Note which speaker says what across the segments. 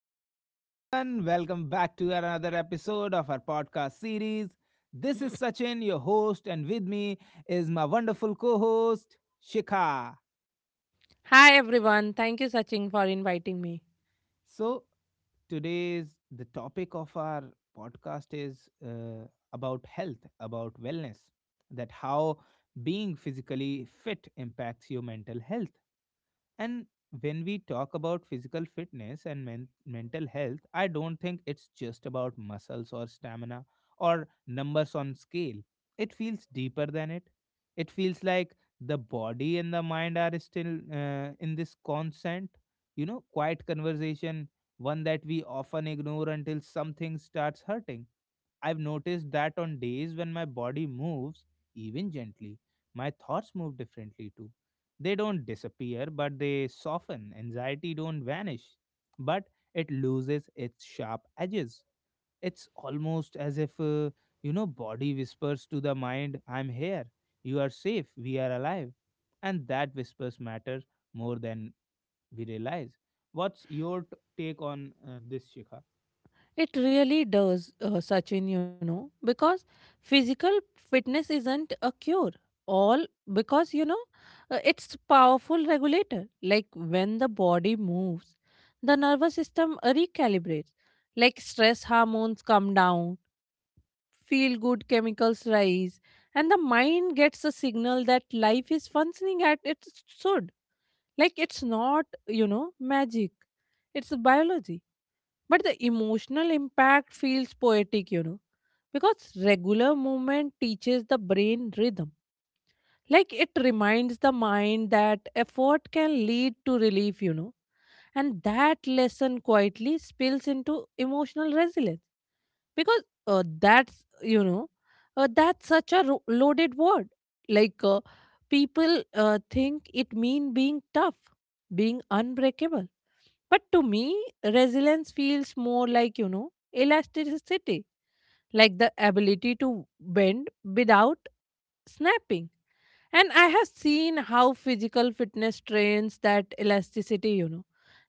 Speaker 1: Hello, everyone. Welcome back to another episode of our podcast series. This is Sachin, your host, and with me is my wonderful co host, Shikha.
Speaker 2: Hi everyone, thank you Sachin for inviting me.
Speaker 1: So, today's the topic of our podcast is about health, about wellness, that how being physically fit impacts your mental health. And when we talk about physical fitness and mental health, I don't think it's just about muscles or stamina or numbers on scale. It feels deeper than it. It feels like the body and the mind are still in this constant, quiet conversation, one that we often ignore until something starts hurting. I've noticed that on days when my body moves, even gently, my thoughts move differently too. They don't disappear, but they soften. Anxiety don't vanish, but it loses its sharp edges. It's almost as if body whispers to the mind, "I'm here. You are safe. We are alive." And that whispers matter more than we realize. What's your take on this, Shikha?
Speaker 2: It really does, Sachin, because physical fitness isn't a cure. All because, it's powerful regulator. Like when the body moves, the nervous system recalibrates. Like stress hormones come down, feel good chemicals rise, and the mind gets a signal that life is functioning at its should. Like it's not, magic. It's biology. But the emotional impact feels poetic, because regular movement teaches the brain rhythm. Like it reminds the mind that effort can lead to relief, and that lesson quietly spills into emotional resilience because that's you know that's such a loaded word. Like people think it mean being tough, being unbreakable, but to me resilience feels more like, elasticity, like the ability to bend without snapping. And I have seen how physical fitness trains that elasticity, you know.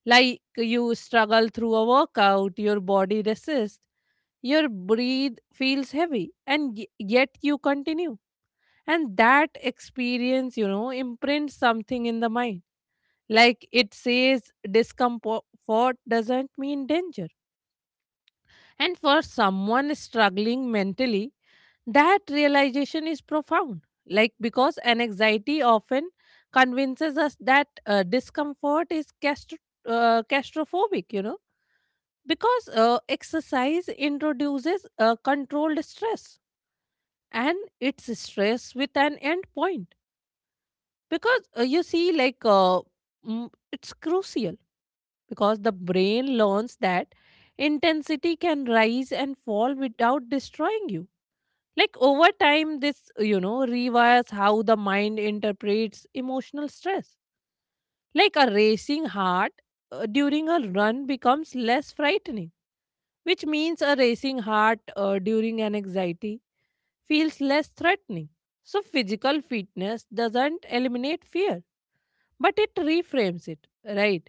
Speaker 2: Like you struggle through a workout, your body resists, your breathe feels heavy, and yet you continue. And that experience, imprints something in the mind. Like it says discomfort doesn't mean danger, and for someone struggling mentally, that realization is profound. Like, because an anxiety often convinces us that discomfort is claustrophobic, you know, because exercise introduces controlled stress and it's stress with an end point. Because it's crucial because the brain learns that intensity can rise and fall without destroying you. Like over time this, rewires how the mind interprets emotional stress. Like a racing heart during a run becomes less frightening, which means a racing heart during an anxiety feels less threatening. So physical fitness doesn't eliminate fear, but it reframes it, right?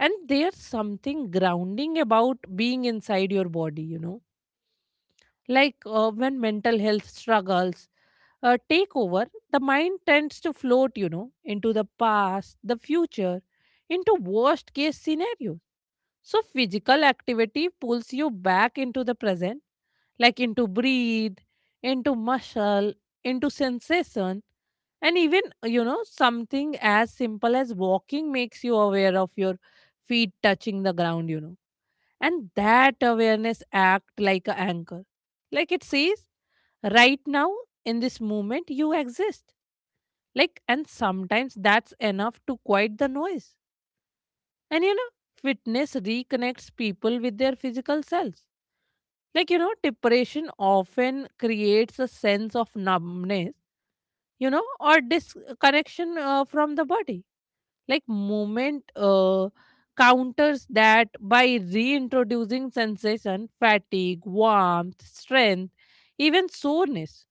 Speaker 2: And there's something grounding about being inside your body, you know. Like when mental health struggles take over, the mind tends to float, into the past, the future, into worst case scenarios. So physical activity pulls you back into the present, like into breathe, into muscle, into sensation. And even, something as simple as walking makes you aware of your feet touching the ground, you know. And that awareness act like an anchor. Like it says, right now, in this moment, you exist. Like, and sometimes that's enough to quiet the noise. And fitness reconnects people with their physical selves. Like, depression often creates a sense of numbness, or disconnection from the body. Like, movement counters that by reintroducing sensation, fatigue, warmth, strength, even soreness.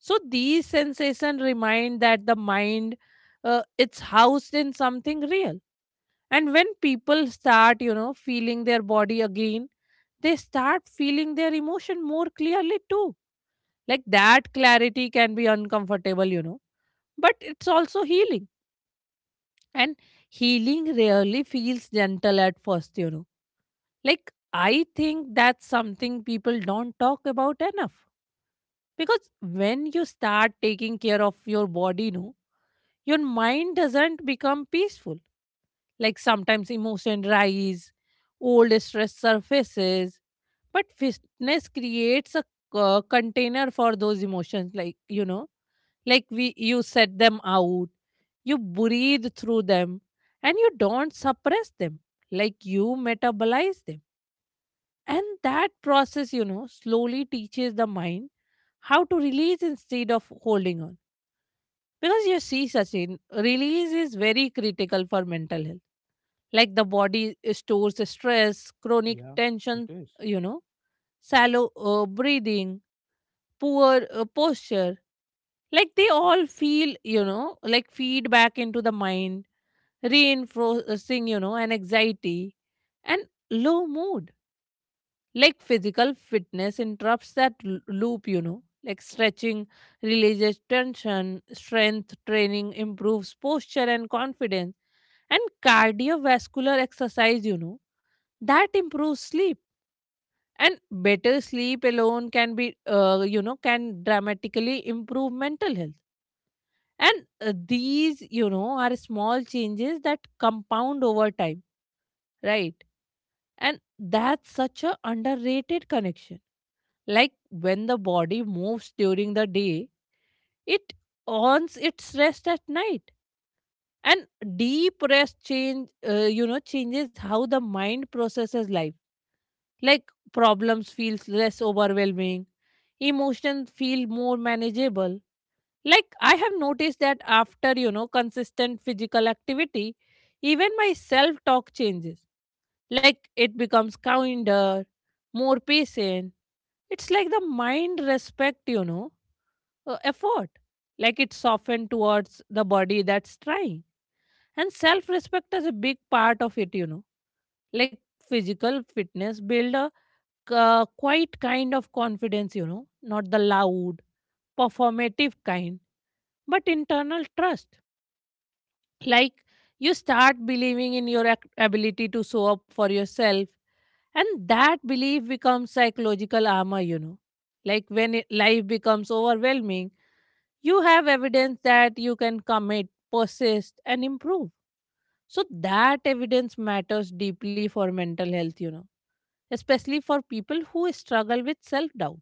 Speaker 2: So, these sensations remind that the mind it's housed in something real. And when people start, feeling their body again, they start feeling their emotion more clearly too. Like that clarity can be uncomfortable, but it's also healing. And healing rarely feels gentle at first, you know. Like I think that's something people don't talk about enough. Because when you start taking care of your body, no, your mind doesn't become peaceful. Like sometimes emotion rise, old stress surfaces, but fitness creates a container for those emotions. Like you know, like we you set them out, you breathe through them, and you don't suppress them. Like you metabolize them, and that process, slowly teaches the mind how to release instead of holding on, because you see, Sachin, release is very critical for mental health. Like the body stores stress, chronic
Speaker 1: Yeah, it
Speaker 2: tension,
Speaker 1: is.
Speaker 2: you know, shallow breathing, poor posture. Like they all feel, like feedback into the mind, reinforcing, an anxiety and low mood. Like physical fitness interrupts that loop, you know. Like stretching releases tension, strength training improves posture and confidence, and cardiovascular exercise, that improves sleep. And better sleep alone can be, can dramatically improve mental health. And these, are small changes that compound over time, right? And that's such a underrated connection. Like when the body moves during the day, it earns its rest at night. And deep rest change, changes how the mind processes life. Like problems feels less overwhelming, emotions feel more manageable. Like I have noticed that after consistent physical activity, even my self talk changes. Like it becomes kinder, more patient. It's like the mind respect, effort, like it's softened towards the body that's trying. And self respect is a big part of it, you know. Like physical fitness build a quite kind of confidence, not the loud, performative kind, but internal trust. Like you start believing in your ability to show up for yourself, and that belief becomes psychological armor, you know. Like when it, life becomes overwhelming, you have evidence that you can commit, persist, and improve. So that evidence matters deeply for mental health, especially for people who struggle with self doubt.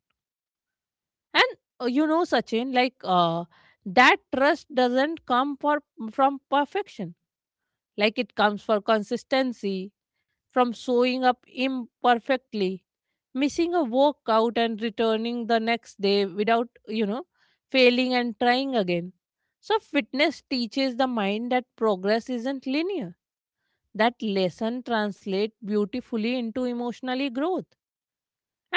Speaker 2: And Sachin, like that trust doesn't come for from perfection. Like it comes for consistency, from showing up imperfectly, missing a workout and returning the next day without, failing and trying again. So fitness teaches the mind that progress isn't linear. That lesson translates beautifully into emotionally growth.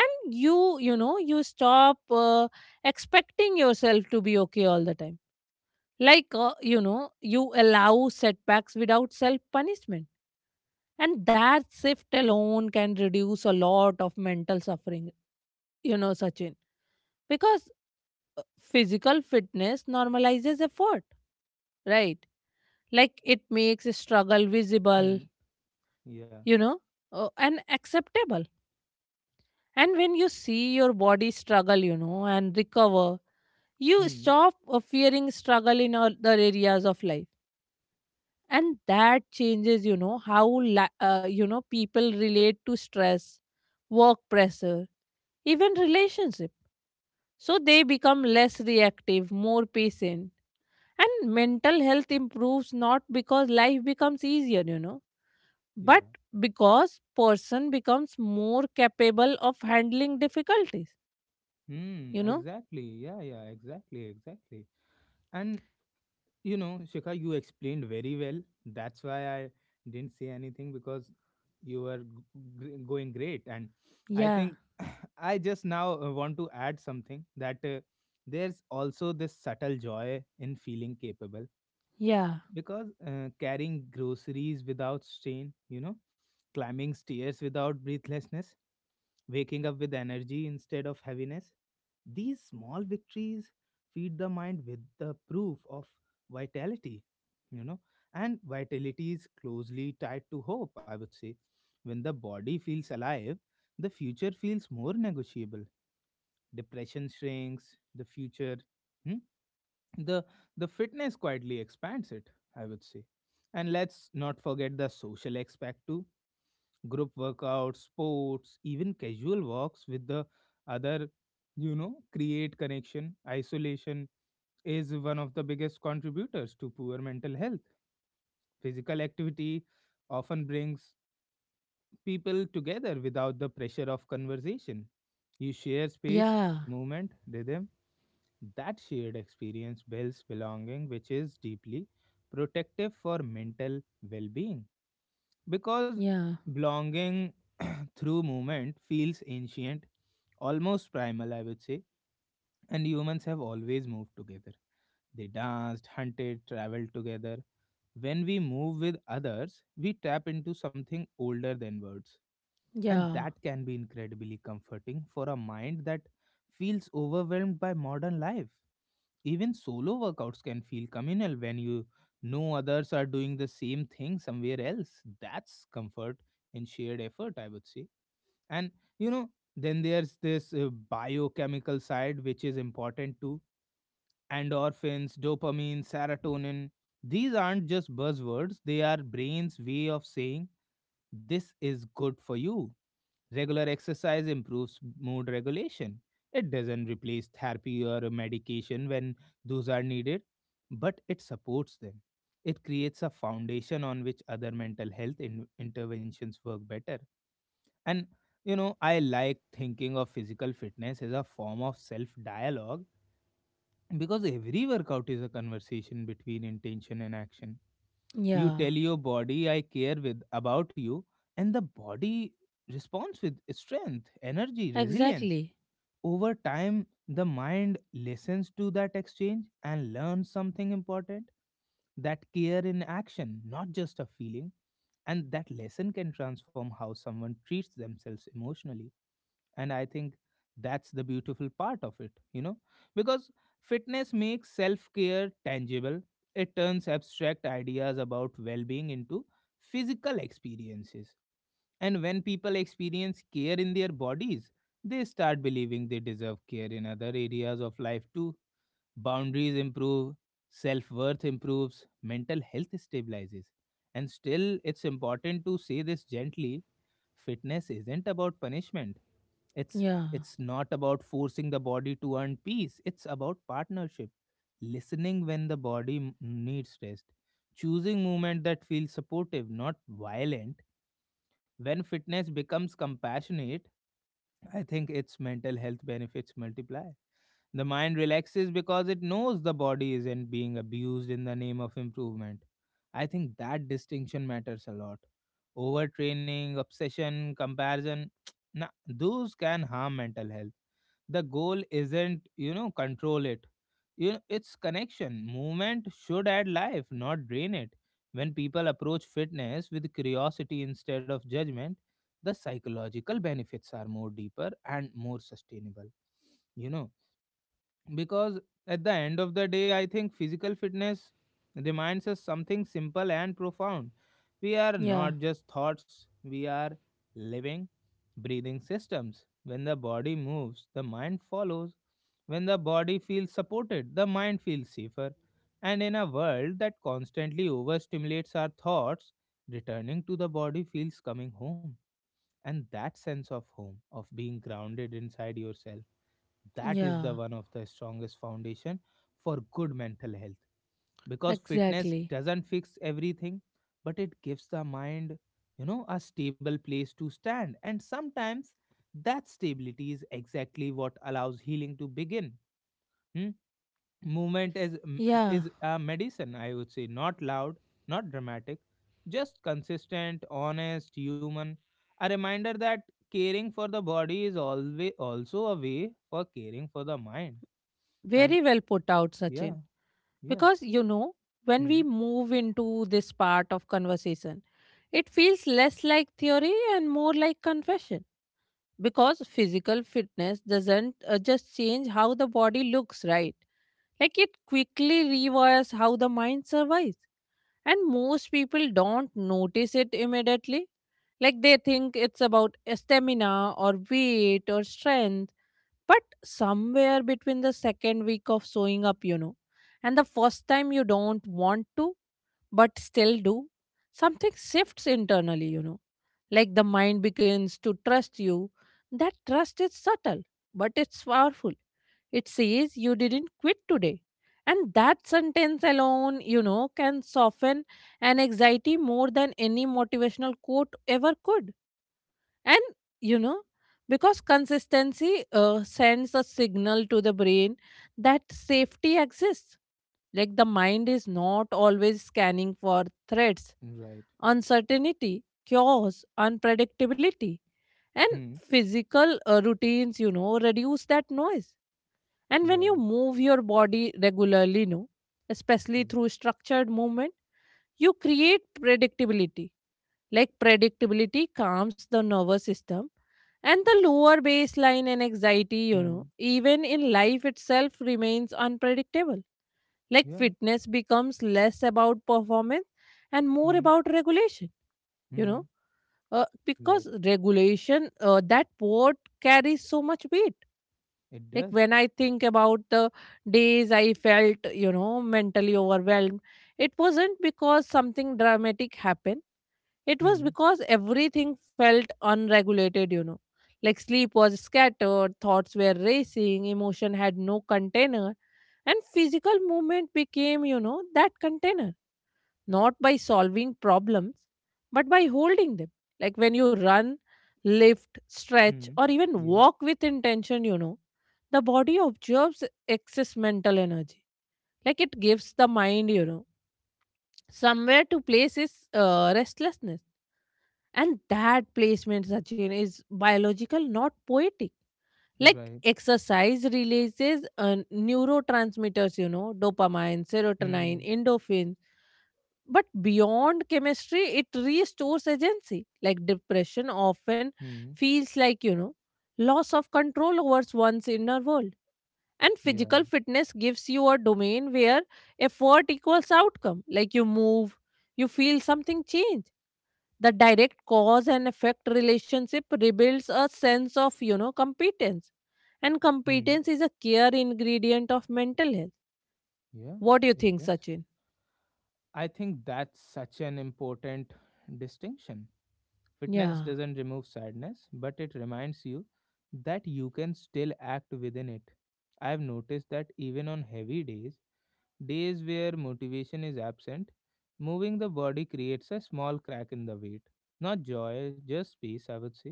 Speaker 2: And you know you stop expecting yourself to be okay all the time. Like you allow setbacks without self punishment, and that shift alone can reduce a lot of mental suffering, you know, Sachin, because physical fitness normalizes effort, right? Like it makes struggle visible,
Speaker 1: Hmm. Yeah.
Speaker 2: you know, and acceptable. And when you see your body struggle, and recover, you
Speaker 1: Hmm.
Speaker 2: stop fearing struggle in other areas of life. And that changes how people relate to stress, work pressure, even relationship. So they become less reactive, more patient, and mental health improves not because life becomes easier,
Speaker 1: Yeah.
Speaker 2: but because person becomes more capable of handling difficulties,
Speaker 1: Hmm,
Speaker 2: you know.
Speaker 1: exactly. Yeah, yeah, exactly, exactly. And you know, Shikha, you explained very well. That's why I didn't say anything because you were going great. And I
Speaker 2: Yeah,
Speaker 1: think I just now want to add something, that there's also this subtle joy in feeling capable,
Speaker 2: yeah,
Speaker 1: because carrying groceries without strain, climbing stairs without breathlessness, waking up with energy instead of heaviness. These small victories feed the mind with the proof of vitality, you know, and vitality is closely tied to hope, I would say. When the body feels alive, the future feels more negotiable. Depression shrinks, the future. Hmm? the the fitness quietly expands it, I would say. And let's not forget the social aspect too. Group workouts, sports, even casual walks with the other, you know, create connection. Isolation is one of the biggest contributors to poor mental health. Physical activity often brings people together without the pressure of conversation. You share space,
Speaker 2: yeah,
Speaker 1: movement, rhythm. That shared experience builds belonging, which is deeply protective for mental well being. Because
Speaker 2: yeah,
Speaker 1: belonging through movement feels ancient, almost primal, I would say, and humans have always moved together. They danced, hunted, traveled together. When we move with others, we tap into something older than words, and
Speaker 2: yeah,
Speaker 1: that can be incredibly comforting for a mind that feels overwhelmed by modern life. Even solo workouts can feel communal when others are doing the same thing somewhere else. That's comfort in shared effort, I would say. And you know, then there's this biochemical side which is important too. Endorphins, dopamine, serotonin. These aren't just buzzwords, they are brain's way of saying this is good for you. Regular exercise improves mood regulation. It doesn't replace therapy or medication when those are needed, but it supports them. It creates a foundation on which other mental health interventions work better. And you know, I like thinking of physical fitness as a form of self dialogue, because every workout is a conversation between intention and action. You tell
Speaker 2: yeah,
Speaker 1: your body, I care with about you, and the body responds with strength, energy, resilience.
Speaker 2: exactly,
Speaker 1: Over time the mind listens to that exchange and learns something important, that care in action, not just a feeling. And that lesson can transform how someone treats themselves emotionally. And I think that's the beautiful part of it, because fitness makes self care tangible. It turns abstract ideas about well being into physical experiences, and when people experience care in their bodies, they start believing they deserve care in other areas of life too. Boundaries improve, self worth improves, mental health stabilizes. And still, it's important to say this gently, fitness isn't about punishment. it's
Speaker 2: yeah,
Speaker 1: it's not about forcing the body to earn peace. It's about partnership, listening when the body needs rest, choosing movement that feels supportive, not violent. When fitness becomes compassionate, I think its mental health benefits multiply. The mind relaxes because it knows the body isn't being abused in the name of improvement. I think that distinction matters a lot. Overtraining, obsession, comparison, nah, those can harm mental health. The goal isn't, you know, control it. You know, it's connection. Movement should add life, not drain it. When people approach fitness with curiosity instead of judgment, the psychological benefits are more deeper and more sustainable, you know, because at the end of the day, I think physical fitness reminds us something simple and profound. We are
Speaker 2: yeah,
Speaker 1: not just thoughts, we are living, breathing systems. When the body moves, the mind follows. When the body feels supported, the mind feels safer. And in a world that constantly overstimulates our thoughts, returning to the body feels coming home. And that sense of home, of being grounded inside yourself, that is the
Speaker 2: yeah.
Speaker 1: one of the strongest foundation for good mental health. Because fitness
Speaker 2: Exactly.
Speaker 1: doesn't fix everything, but it gives the mind, you know, a stable place to stand, and sometimes that stability is exactly what allows healing to begin. Hmm? Movement is
Speaker 2: Yeah.
Speaker 1: is a medicine, I would say. Not loud, not dramatic, just consistent, honest, human. A reminder that caring for the body is always also a way for caring for the mind. And
Speaker 2: Very well put out,
Speaker 1: yeah.
Speaker 2: Sachin.
Speaker 1: Yeah.
Speaker 2: Because, when
Speaker 1: Hmm.
Speaker 2: we move into this part of conversation, it feels less like theory and more like confession. Because physical fitness doesn't just change how the body looks, right? Like it quickly rewires how the mind survives. And most people don't notice it immediately. Like they think it's about stamina or weight or strength. But somewhere between the second week of sewing up, and the first time you don't want to, but still do, something shifts internally, you know. Like the mind begins to trust you. That trust is subtle, but it's powerful. It says you didn't quit today. And that sentence alone, can soften an anxiety more than any motivational quote ever could. And you know, because consistency sends a signal to the brain that safety exists. Like the mind is not always scanning for threats,
Speaker 1: Right.
Speaker 2: uncertainty, chaos, unpredictability. And
Speaker 1: Hmm.
Speaker 2: physical routines, reduce that noise. And when
Speaker 1: Yeah.
Speaker 2: you move your body regularly, no, especially
Speaker 1: Yeah.
Speaker 2: through structured movement, you create predictability. Like predictability calms the nervous system, and the lower baseline and anxiety,
Speaker 1: Hmm.
Speaker 2: even in life itself remains unpredictable. Like
Speaker 1: Yeah.
Speaker 2: fitness becomes less about performance and more
Speaker 1: Hmm.
Speaker 2: about regulation, you
Speaker 1: Hmm.
Speaker 2: know, because
Speaker 1: Right.
Speaker 2: regulation, that word carries so much weight.
Speaker 1: It
Speaker 2: Like
Speaker 1: does.
Speaker 2: when I think about the days I felt, mentally overwhelmed, it wasn't because something dramatic happened, it was
Speaker 1: Hmm.
Speaker 2: because everything felt unregulated, you know. Like sleep was scattered, thoughts were racing, emotion had no container, and physical movement became, that container. Not by solving problems, but by holding them. Like when you run, lift, stretch,
Speaker 1: Hmm.
Speaker 2: or even
Speaker 1: Yeah.
Speaker 2: walk with intention, the body observes excess mental energy. Like it gives the mind, somewhere to place its restlessness, and that placement, Sachin, is biological, not poetic. Like
Speaker 1: Right.
Speaker 2: exercise releases neurotransmitters, dopamine,
Speaker 1: Hmm.
Speaker 2: serotonin, endorphins. But beyond chemistry, it restores agency. Like depression often
Speaker 1: Hmm.
Speaker 2: feels like, loss of control over one's inner world. And
Speaker 1: Yeah.
Speaker 2: physical fitness gives you a domain where effort equals outcome. Like you move, you feel something change. The direct cause and effect relationship rebuilds a sense of, competence. And
Speaker 1: Hmm.
Speaker 2: competence is a care ingredient of mental health.
Speaker 1: Yeah,
Speaker 2: What do you
Speaker 1: it
Speaker 2: think,
Speaker 1: does.
Speaker 2: Sachin?
Speaker 1: I think that's such an important distinction. Fitness
Speaker 2: Yeah,
Speaker 1: doesn't remove sadness, but it reminds you that you can still act within it. I've noticed that even on heavy days, days where motivation is absent, moving the body creates a small crack in the weight. Not joy, just peace, I would say.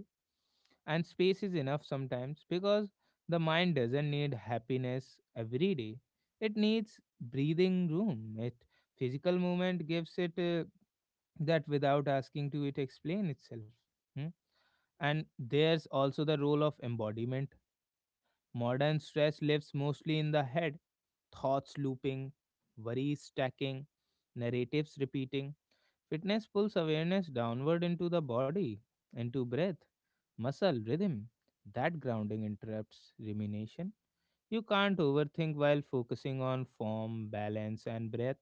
Speaker 1: And space is enough sometimes, because the mind doesn't need happiness every day, it needs breathing room. It Physical movement gives it, that, without asking to it explain itself. Hmm? And there's also the role of embodiment. Modern stress lives mostly in the head, thoughts looping, worries stacking, narratives repeating. Fitness pulls awareness downward into the body, into breath, muscle, rhythm. That grounding interrupts rumination. You can't overthink while focusing on form, balance, and breath.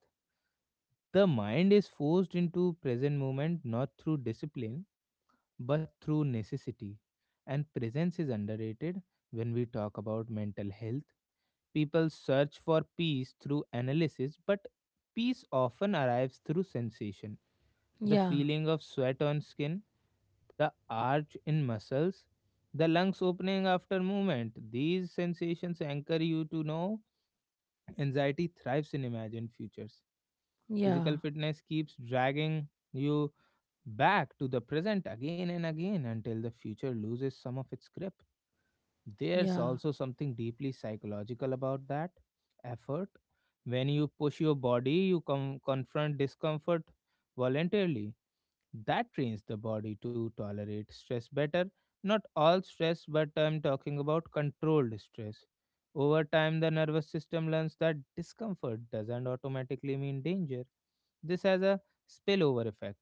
Speaker 1: The mind is forced into present moment, not through discipline but through necessity. And presence is underrated when we talk about mental health. People search for peace through analysis, but peace often arrives through sensation, the
Speaker 2: yeah,
Speaker 1: feeling of sweat on skin, the arch in muscles, the lungs opening after movement. These sensations anchor you to know anxiety thrives in imagined futures.
Speaker 2: yeah,
Speaker 1: Physical fitness keeps dragging you back to the present again and again until the future loses some of its grip. There's
Speaker 2: yeah,
Speaker 1: also something deeply psychological about that effort. When you push your body, you confront discomfort voluntarily. That trains the body to tolerate stress better. Not all stress, but I'm talking about controlled stress. Over time, the nervous system learns that discomfort doesn't automatically mean danger. This has a spillover effect.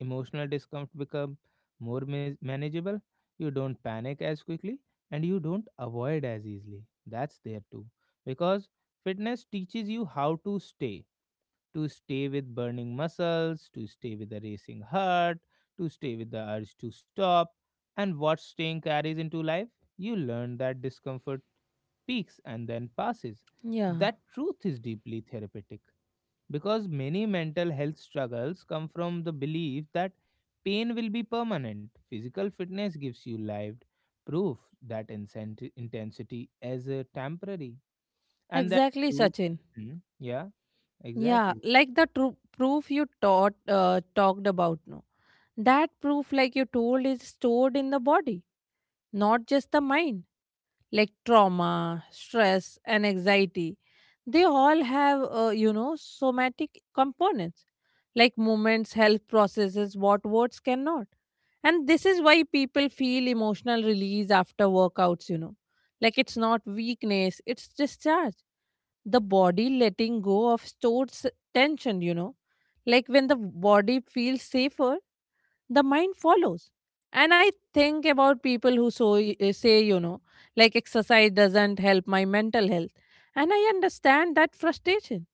Speaker 1: Emotional discomfort become more manageable. You don't panic as quickly and you don't avoid as easily. That's there too. Because fitness teaches you how to stay, to stay with burning muscles, to stay with a racing heart, to stay with the urge to stop. And what staying carries into life, you learn that discomfort peaks and then passes.
Speaker 2: yeah.
Speaker 1: That truth is deeply therapeutic, because many mental health struggles come from the belief that pain will be permanent. Physical fitness gives you lived proof that intensity is temporary, and that
Speaker 2: Exactly,
Speaker 1: proof,
Speaker 2: Sachin.
Speaker 1: hmm, yeah,
Speaker 2: Yeah,
Speaker 1: exactly,
Speaker 2: like the proof you taught talked about. No, that proof, like you told, is stored in the body, not just the mind. Like trauma, stress, and anxiety, they all have somatic components. Like movements help processes what words cannot, and this is why people feel emotional release after workouts. Like it's not weakness, it's discharge, the body letting go of stored tension, like when the body feels safer, the mind follows. And I think about people who say, like exercise doesn't help my mental health, and I understand that frustration,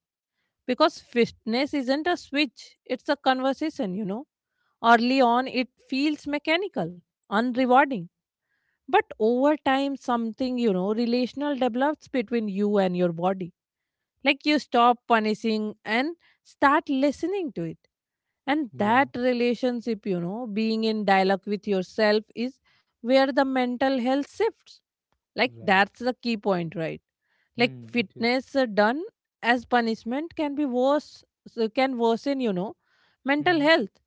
Speaker 2: because fitness isn't a switch, it's a conversation, Early on, it feels mechanical, unrewarding. But over time, something, relational develops between you and your body. Like you stop punishing and start listening to it. And
Speaker 1: yeah,
Speaker 2: that relationship, being in dialogue with yourself is where the mental health shifts. Like
Speaker 1: right.
Speaker 2: that's the key point, right? Like
Speaker 1: Hmm, it is.
Speaker 2: fitness done as punishment can be worse, so can worsen, mental
Speaker 1: Hmm.
Speaker 2: health.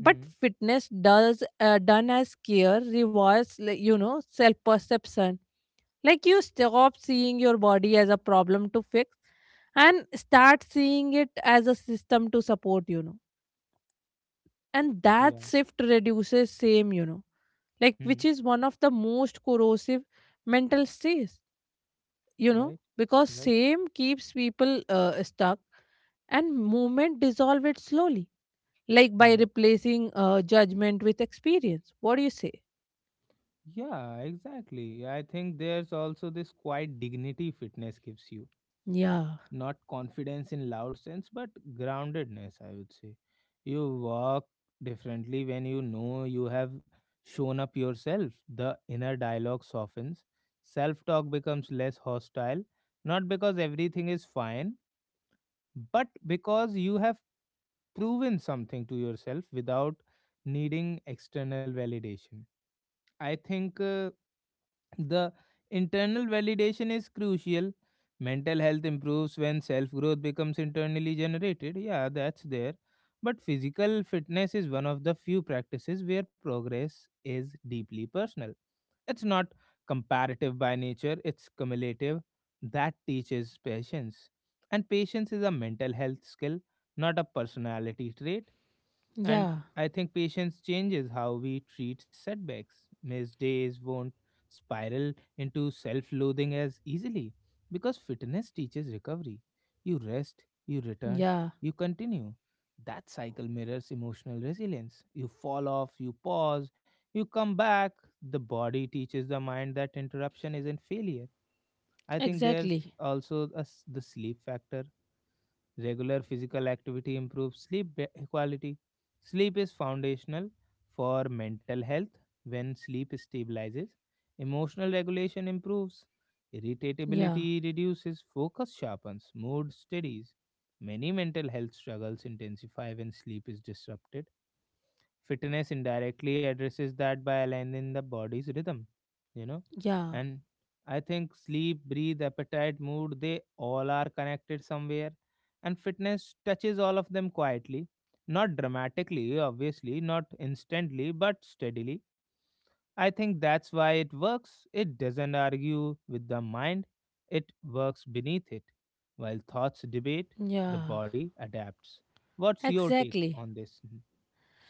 Speaker 1: Hmm.
Speaker 2: fitness does done as care rewards, like, self perception. Like you stop seeing your body as a problem to fix and start seeing it as a system to support. And that
Speaker 1: Yeah.
Speaker 2: shift reduces same, like
Speaker 1: Hmm.
Speaker 2: which is one of the most corrosive mental states,
Speaker 1: Right,
Speaker 2: because
Speaker 1: right.
Speaker 2: same keeps people stuck and movement dissolve it slowly, like by
Speaker 1: Hmm.
Speaker 2: replacing judgment with experience. What do you say?
Speaker 1: Yeah, exactly. I think there's also this quiet dignity fitness gives you,
Speaker 2: Yeah,
Speaker 1: not confidence in loud sense, but groundedness, I would say. You walk differently when you know you have shown up yourself. The inner dialogue softens, self talk becomes less hostile, not because everything is fine, but because you have proven something to yourself without needing external validation. I think the internal validation is crucial. Mental health improves when self growth becomes internally generated. Yeah, that's there. But physical fitness is one of the few practices where progress is deeply personal. It's not comparative by nature, it's cumulative. That teaches patience. And patience is a mental health skill, not a personality trait. And
Speaker 2: yeah,
Speaker 1: I think patience changes how we treat setbacks. Missed days, spiral into self loathing as easily, because fitness teaches recovery. You rest, you return,
Speaker 2: yeah,
Speaker 1: you continue. That cycle mirrors emotional resilience. You fall off, you pause, you come back. The body teaches the mind that interruption isn't failure. I think there's
Speaker 2: exactly.
Speaker 1: also a s the sleep factor. Regular physical activity improves sleep quality. Sleep is foundational for mental health. When sleep stabilizes, emotional regulation improves,
Speaker 2: Yeah,
Speaker 1: irritability reduces, focus sharpens, mood steadies. Many mental health struggles intensify when sleep is disrupted. Fitness indirectly addresses that by aligning the body's rhythm, you know.
Speaker 2: yeah,
Speaker 1: And I think sleep, breathe, appetite, mood, they all are connected somewhere. And fitness touches all of them quietly, not dramatically, obviously, not instantly, but steadily. I think that's why it works. It doesn't argue with the mind, it works beneath it. While thoughts debate, the
Speaker 2: yeah,
Speaker 1: body adapts. What's your take
Speaker 2: exactly.
Speaker 1: on this,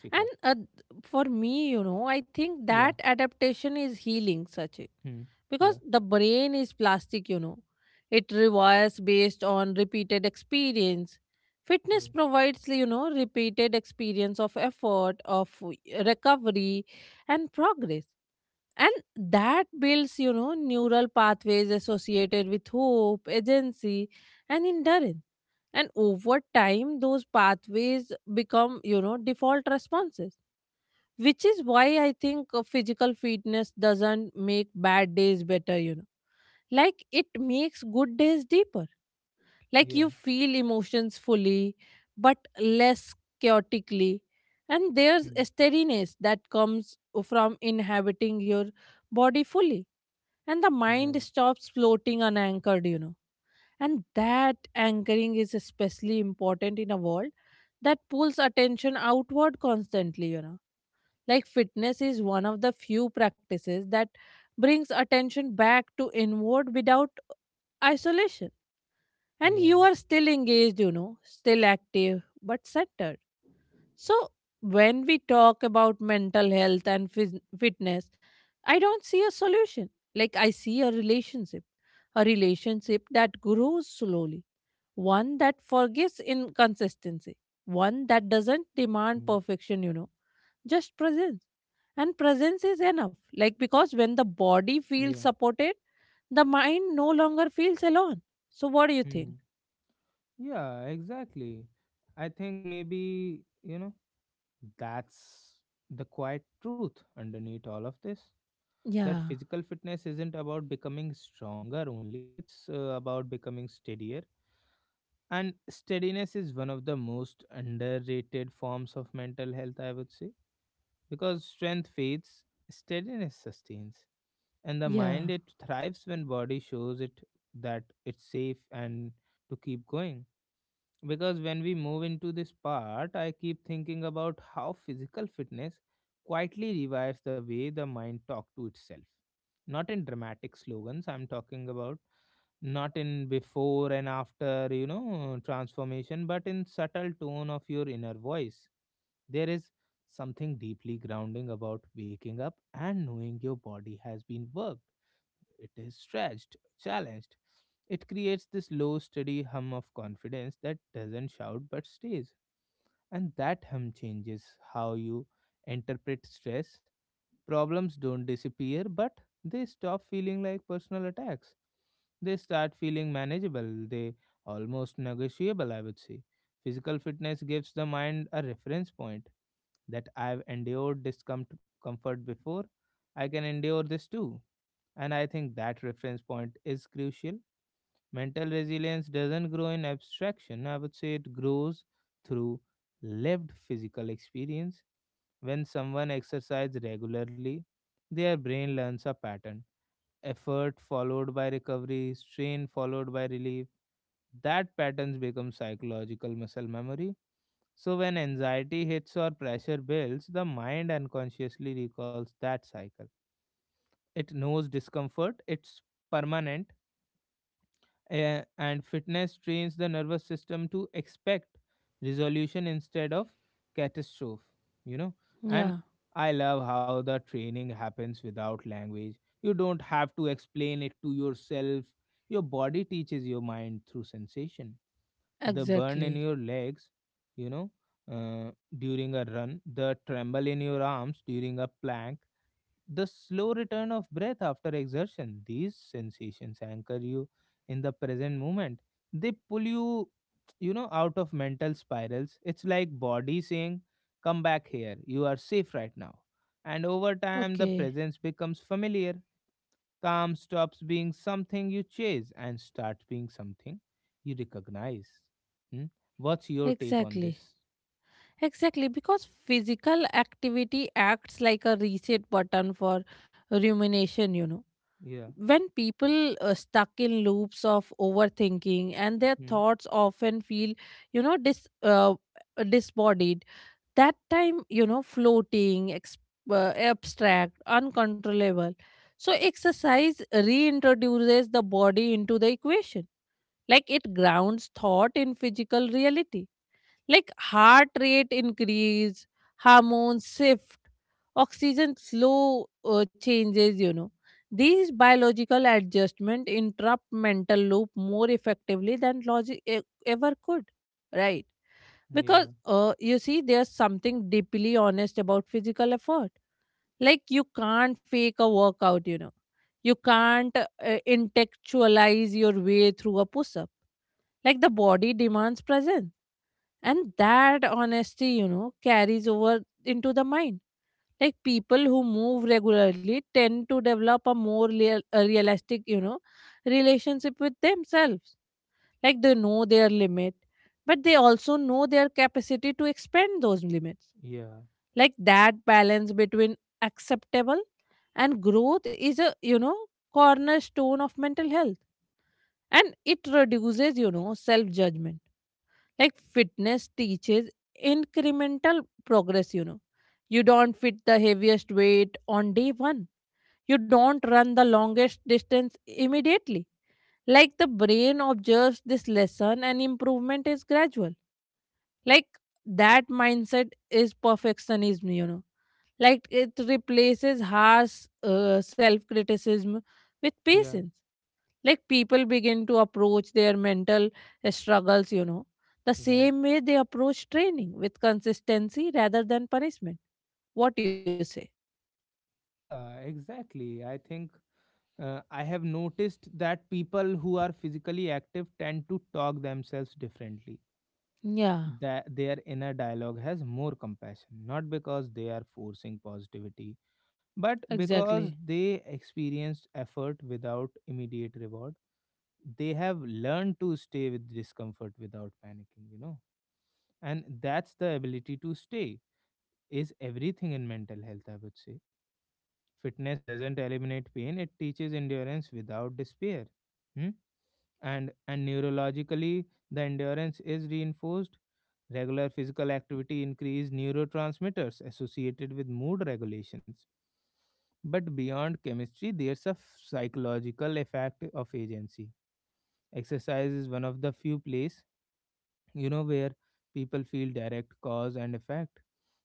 Speaker 1: Shikha?
Speaker 2: And for me, I think that adaptation is healing such.
Speaker 1: Hmm. Yeah.
Speaker 2: Because the brain is plastic, It rewires based on repeated experience. Fitness
Speaker 1: Yeah.
Speaker 2: provides, repeated experience of effort, of recovery, and progress. And that builds, neural pathways associated with hope, agency, and endurance. And over time, those pathways become, default responses, which is why I think physical fitness doesn't make bad days better, like it makes good days deeper. Like
Speaker 1: Yeah.
Speaker 2: you feel emotions fully, but less chaotically. And there's
Speaker 1: Hmm.
Speaker 2: a steadiness that comes from inhabiting your body fully, and the mind
Speaker 1: Right.
Speaker 2: stops floating unanchored, and that anchoring is especially important in a world that pulls attention outward constantly, like fitness is one of the few practices that brings attention back to inward without isolation, and you
Speaker 1: Yeah.
Speaker 2: are still engaged, still active but centered. So when we talk about mental health and fitness, I don't see a solution, like I see a relationship, a relationship that grows slowly, one that forgives inconsistency, one that doesn't demand
Speaker 1: Hmm.
Speaker 2: perfection, just presence, and presence is enough. Like because when the body feels
Speaker 1: Yeah.
Speaker 2: supported, the mind no longer feels alone. So what do you think?
Speaker 1: Hmm. Yeah. Exactly. I think maybe you know that's the quiet truth underneath all of this.
Speaker 2: Yeah.
Speaker 1: That physical fitness isn't about becoming stronger only. It's about becoming steadier. And steadiness is one of the most underrated forms of mental health, I would say, because strength fades, steadiness sustains. And the
Speaker 2: Yeah,
Speaker 1: mind, it thrives when body shows it that it's safe and to keep going. Because when we move into this part, I keep thinking about how physical fitness quietly revives the way the mind talk to itself. Not in dramatic slogans I'm talking about, not in before and after you know transformation, but in subtle tone of your inner voice. There is something deeply grounding about waking up and knowing your body has been worked, it is stretched, challenged. It creates this low, steady hum of confidence that doesn't shout but stays. And that hum changes how you interpret stress. Problems don't disappear, but they stop feeling like personal attacks. They start feeling manageable, they almost negotiable, I would say. Physical fitness gives the mind a reference point that I've endured discomfort before, I can endure this too. And I think that reference point is crucial. Mental resilience doesn't grow in abstraction, I would say it grows through lived physical experience. When someone exercises regularly, their brain learns a pattern. Effort followed by recovery, strain followed by relief. That patterns become psychological muscle memory. So, when anxiety hits or pressure builds, the mind unconsciously recalls that cycle. It knows discomfort, it's permanent. And fitness trains the nervous system to expect resolution instead of catastrophe, you know. And
Speaker 2: yeah,
Speaker 1: I love how the training happens without language. You don't have to explain it to yourself, your body teaches your mind through sensation. The burn in
Speaker 2: exactly.
Speaker 1: your legs, you know, uh, during a run, the tremble in your arms during a plank, the slow return of breath after exertion. These sensations anchor you in the present moment. They pull you, you know, out of mental spirals. It's like body saying, come back here, you are safe right now. And over time, the
Speaker 2: Okay,
Speaker 1: presence becomes familiar. Calm stops being something you chase and starts being something you recognize. Hmm? What's your take on
Speaker 2: exactly.
Speaker 1: this?
Speaker 2: Exactly, because physical activity acts like a reset button for rumination,
Speaker 1: Yeah.
Speaker 2: When people are stuck in loops of overthinking and their
Speaker 1: Hmm.
Speaker 2: thoughts often feel, you know, dis, uh, disbodied, that time, floating, abstract, uncontrollable. So, exercise reintroduces the body into the equation. Like it grounds thought in physical reality. Like heart rate increase, hormones shift, oxygen slow changes, these biological adjustment interrupt mental loop more effectively than logic ever could, right? Because
Speaker 1: Yeah.
Speaker 2: you see, there's something deeply honest about physical effort. Like you can't fake a workout, you can't intellectualize your way through a push up. Like the body demands presence. And that honesty, carries over into the mind. Like people who move regularly tend to develop a more real, a realistic, relationship with themselves. Like they know their limit, but they also know their capacity to expand those limits.
Speaker 1: Yeah.
Speaker 2: Like that balance between acceptable and growth is a, cornerstone of mental health. And it reduces, self judgment. Like fitness teaches incremental progress, You don't fit the heaviest weight on day one. You don't run the longest distance immediately. Like the brain observes this lesson and improvement is gradual. Like that mindset is perfectionism, Like it replaces harsh self criticism with
Speaker 1: Yeah.
Speaker 2: patience. Like people begin to approach their mental struggles, the
Speaker 1: Right.
Speaker 2: same way they approach training, with consistency rather than punishment. What do you say?
Speaker 1: Yeah, exactly. I think I have noticed that people who are physically active tend to talk themselves differently.
Speaker 2: Yeah,
Speaker 1: That their inner dialogue has more compassion, not because they are forcing positivity, but because
Speaker 2: exactly.
Speaker 1: they experienced effort without immediate reward. They have learned to stay with discomfort without panicking, you know. And that's the ability to stay is everything in mental health, I would say. Fitness doesn't eliminate pain, it teaches endurance without despair. Hmm? And neurologically, the endurance is reinforced. Regular physical activity increases neurotransmitters associated with mood regulations. But beyond chemistry, there's a psychological effect of agency. Exercise is one of the few places, you know, where people feel direct cause and effect.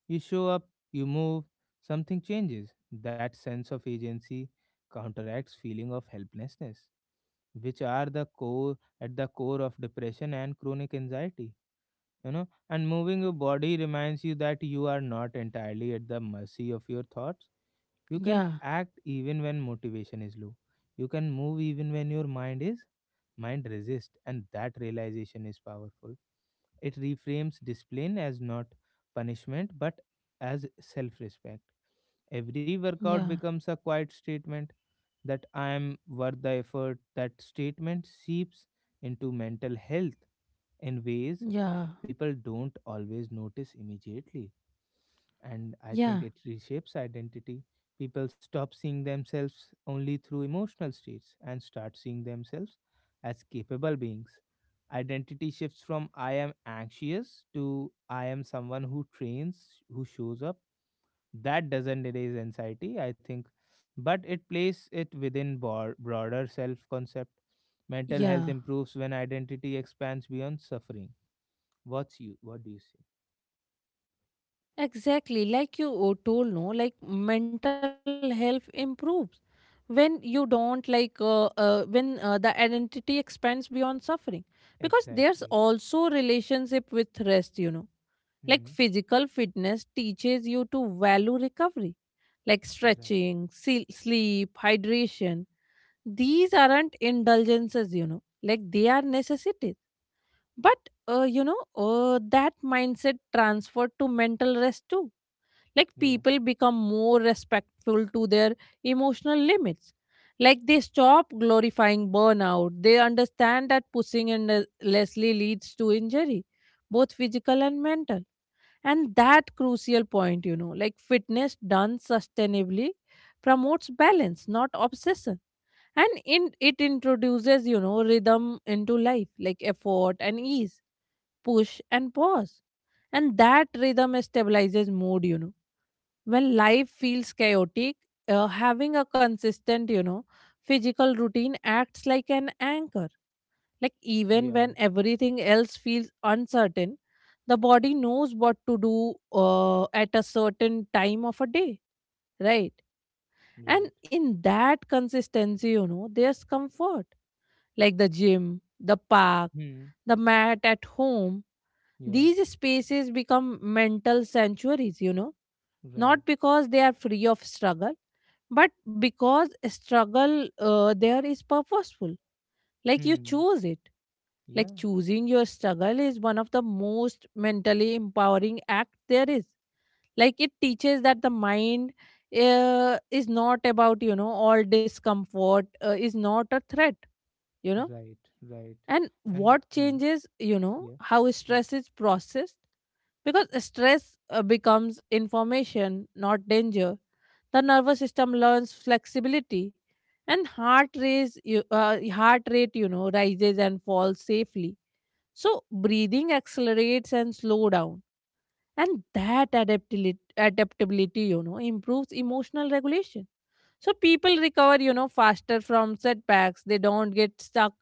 Speaker 1: You show up, you move, something changes. That sense of agency counteracts feeling of helplessness, which are the core at the core of depression and chronic anxiety. You know, and moving your body reminds you that you are not entirely at the mercy of your thoughts. You can
Speaker 2: Yeah,
Speaker 1: act even when motivation is low. You can move even when your mind resist, and that realization is powerful. It reframes discipline as not punishment, but as self respect. Every workout
Speaker 2: yeah,
Speaker 1: becomes a quiet statement that I am worth the effort. That statement seeps into mental health in ways
Speaker 2: yeah,
Speaker 1: people don't always notice immediately, and I
Speaker 2: yeah,
Speaker 1: think it reshapes identity. People stop seeing themselves only through emotional states and start seeing themselves as capable beings. Identity shifts from I am anxious to I am someone who trains, who shows up. That doesn't erase anxiety, I think, but it places it within broader self concept. Mental health
Speaker 2: yeah.
Speaker 1: improves when identity expands beyond suffering. What's you? What do you say?
Speaker 2: Exactly, like you told, no, like mental health improves when you don't like when the identity expands beyond suffering, because there's
Speaker 1: Exactly.
Speaker 2: also relationship with rest, Like
Speaker 1: Hmm.
Speaker 2: physical fitness teaches you to value recovery, like
Speaker 1: Right.
Speaker 2: stretching, sleep, hydration. These aren't indulgences, like they are necessities. But, that mindset transferred to mental rest too. Like people become more respectful to their emotional limits. Like they stop glorifying burnout. They understand that pushing endlessly leads to injury, both physical and mental, and that crucial point, like fitness done sustainably promotes balance, not obsession. And in, it introduces, rhythm into life, like effort and ease, push and pause. And that rhythm stabilizes mood, when life feels chaotic, having a consistent, physical routine acts like an anchor. Like even
Speaker 1: Yeah,
Speaker 2: when everything else feels uncertain, the body knows what to do at a certain time of a day, right?
Speaker 1: right.
Speaker 2: And in that consistency, there's comfort, like the gym, the park,
Speaker 1: Hmm.
Speaker 2: the mat at home.
Speaker 1: Yeah,
Speaker 2: These spaces become mental sanctuaries,
Speaker 1: right.
Speaker 2: not because they are free of struggle, but because struggle there is purposeful, like you
Speaker 1: Hmm.
Speaker 2: choose it. Like
Speaker 1: Yeah,
Speaker 2: choosing your struggle is one of the most mentally empowering act there is. Like it teaches that the mind is not about, all discomfort is not a threat, you know
Speaker 1: right, right.
Speaker 2: and
Speaker 1: And
Speaker 2: what
Speaker 1: hmm.
Speaker 2: changes,
Speaker 1: Yeah.
Speaker 2: how
Speaker 1: Mm.
Speaker 2: stress is processed, because stress becomes information, not danger. The nervous system learns flexibility, and heart rate, rises and falls safely, so breathing accelerates and slow down. And that adaptability, improves emotional regulation, so people recover, faster from setbacks. They don't get stuck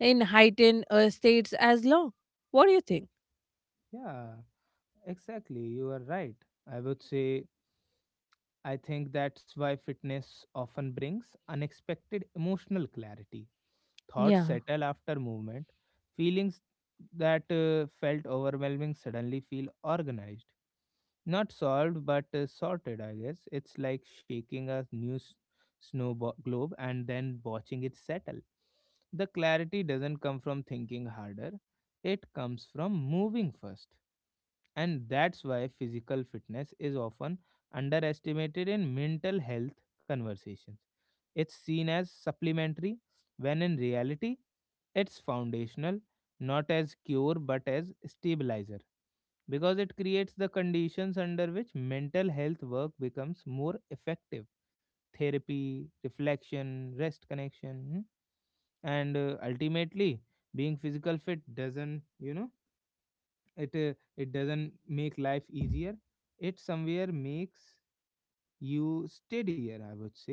Speaker 2: in heightened states as long. What do you think?
Speaker 1: Yeah, exactly. You are right. I would say I think that's why fitness often brings unexpected emotional clarity. Thoughts
Speaker 2: Yeah,
Speaker 1: settle after movement. Feelings that felt overwhelming suddenly feel organized. Not solved, but sorted, I guess. It's like shaking a snow globe and then watching it settle. The clarity doesn't come from thinking harder, it comes from moving first. And that's why physical fitness is often underestimated in mental health conversations. It's seen as supplementary, when in reality, it's foundational, not as cure but as stabilizer, because it creates the conditions under which mental health work becomes more effective. Therapy, reflection, rest, connection. Hmm? And ultimately, being physical fit doesn't, you know, it doesn't make life easier, it somewhere makes you steadier, I would say.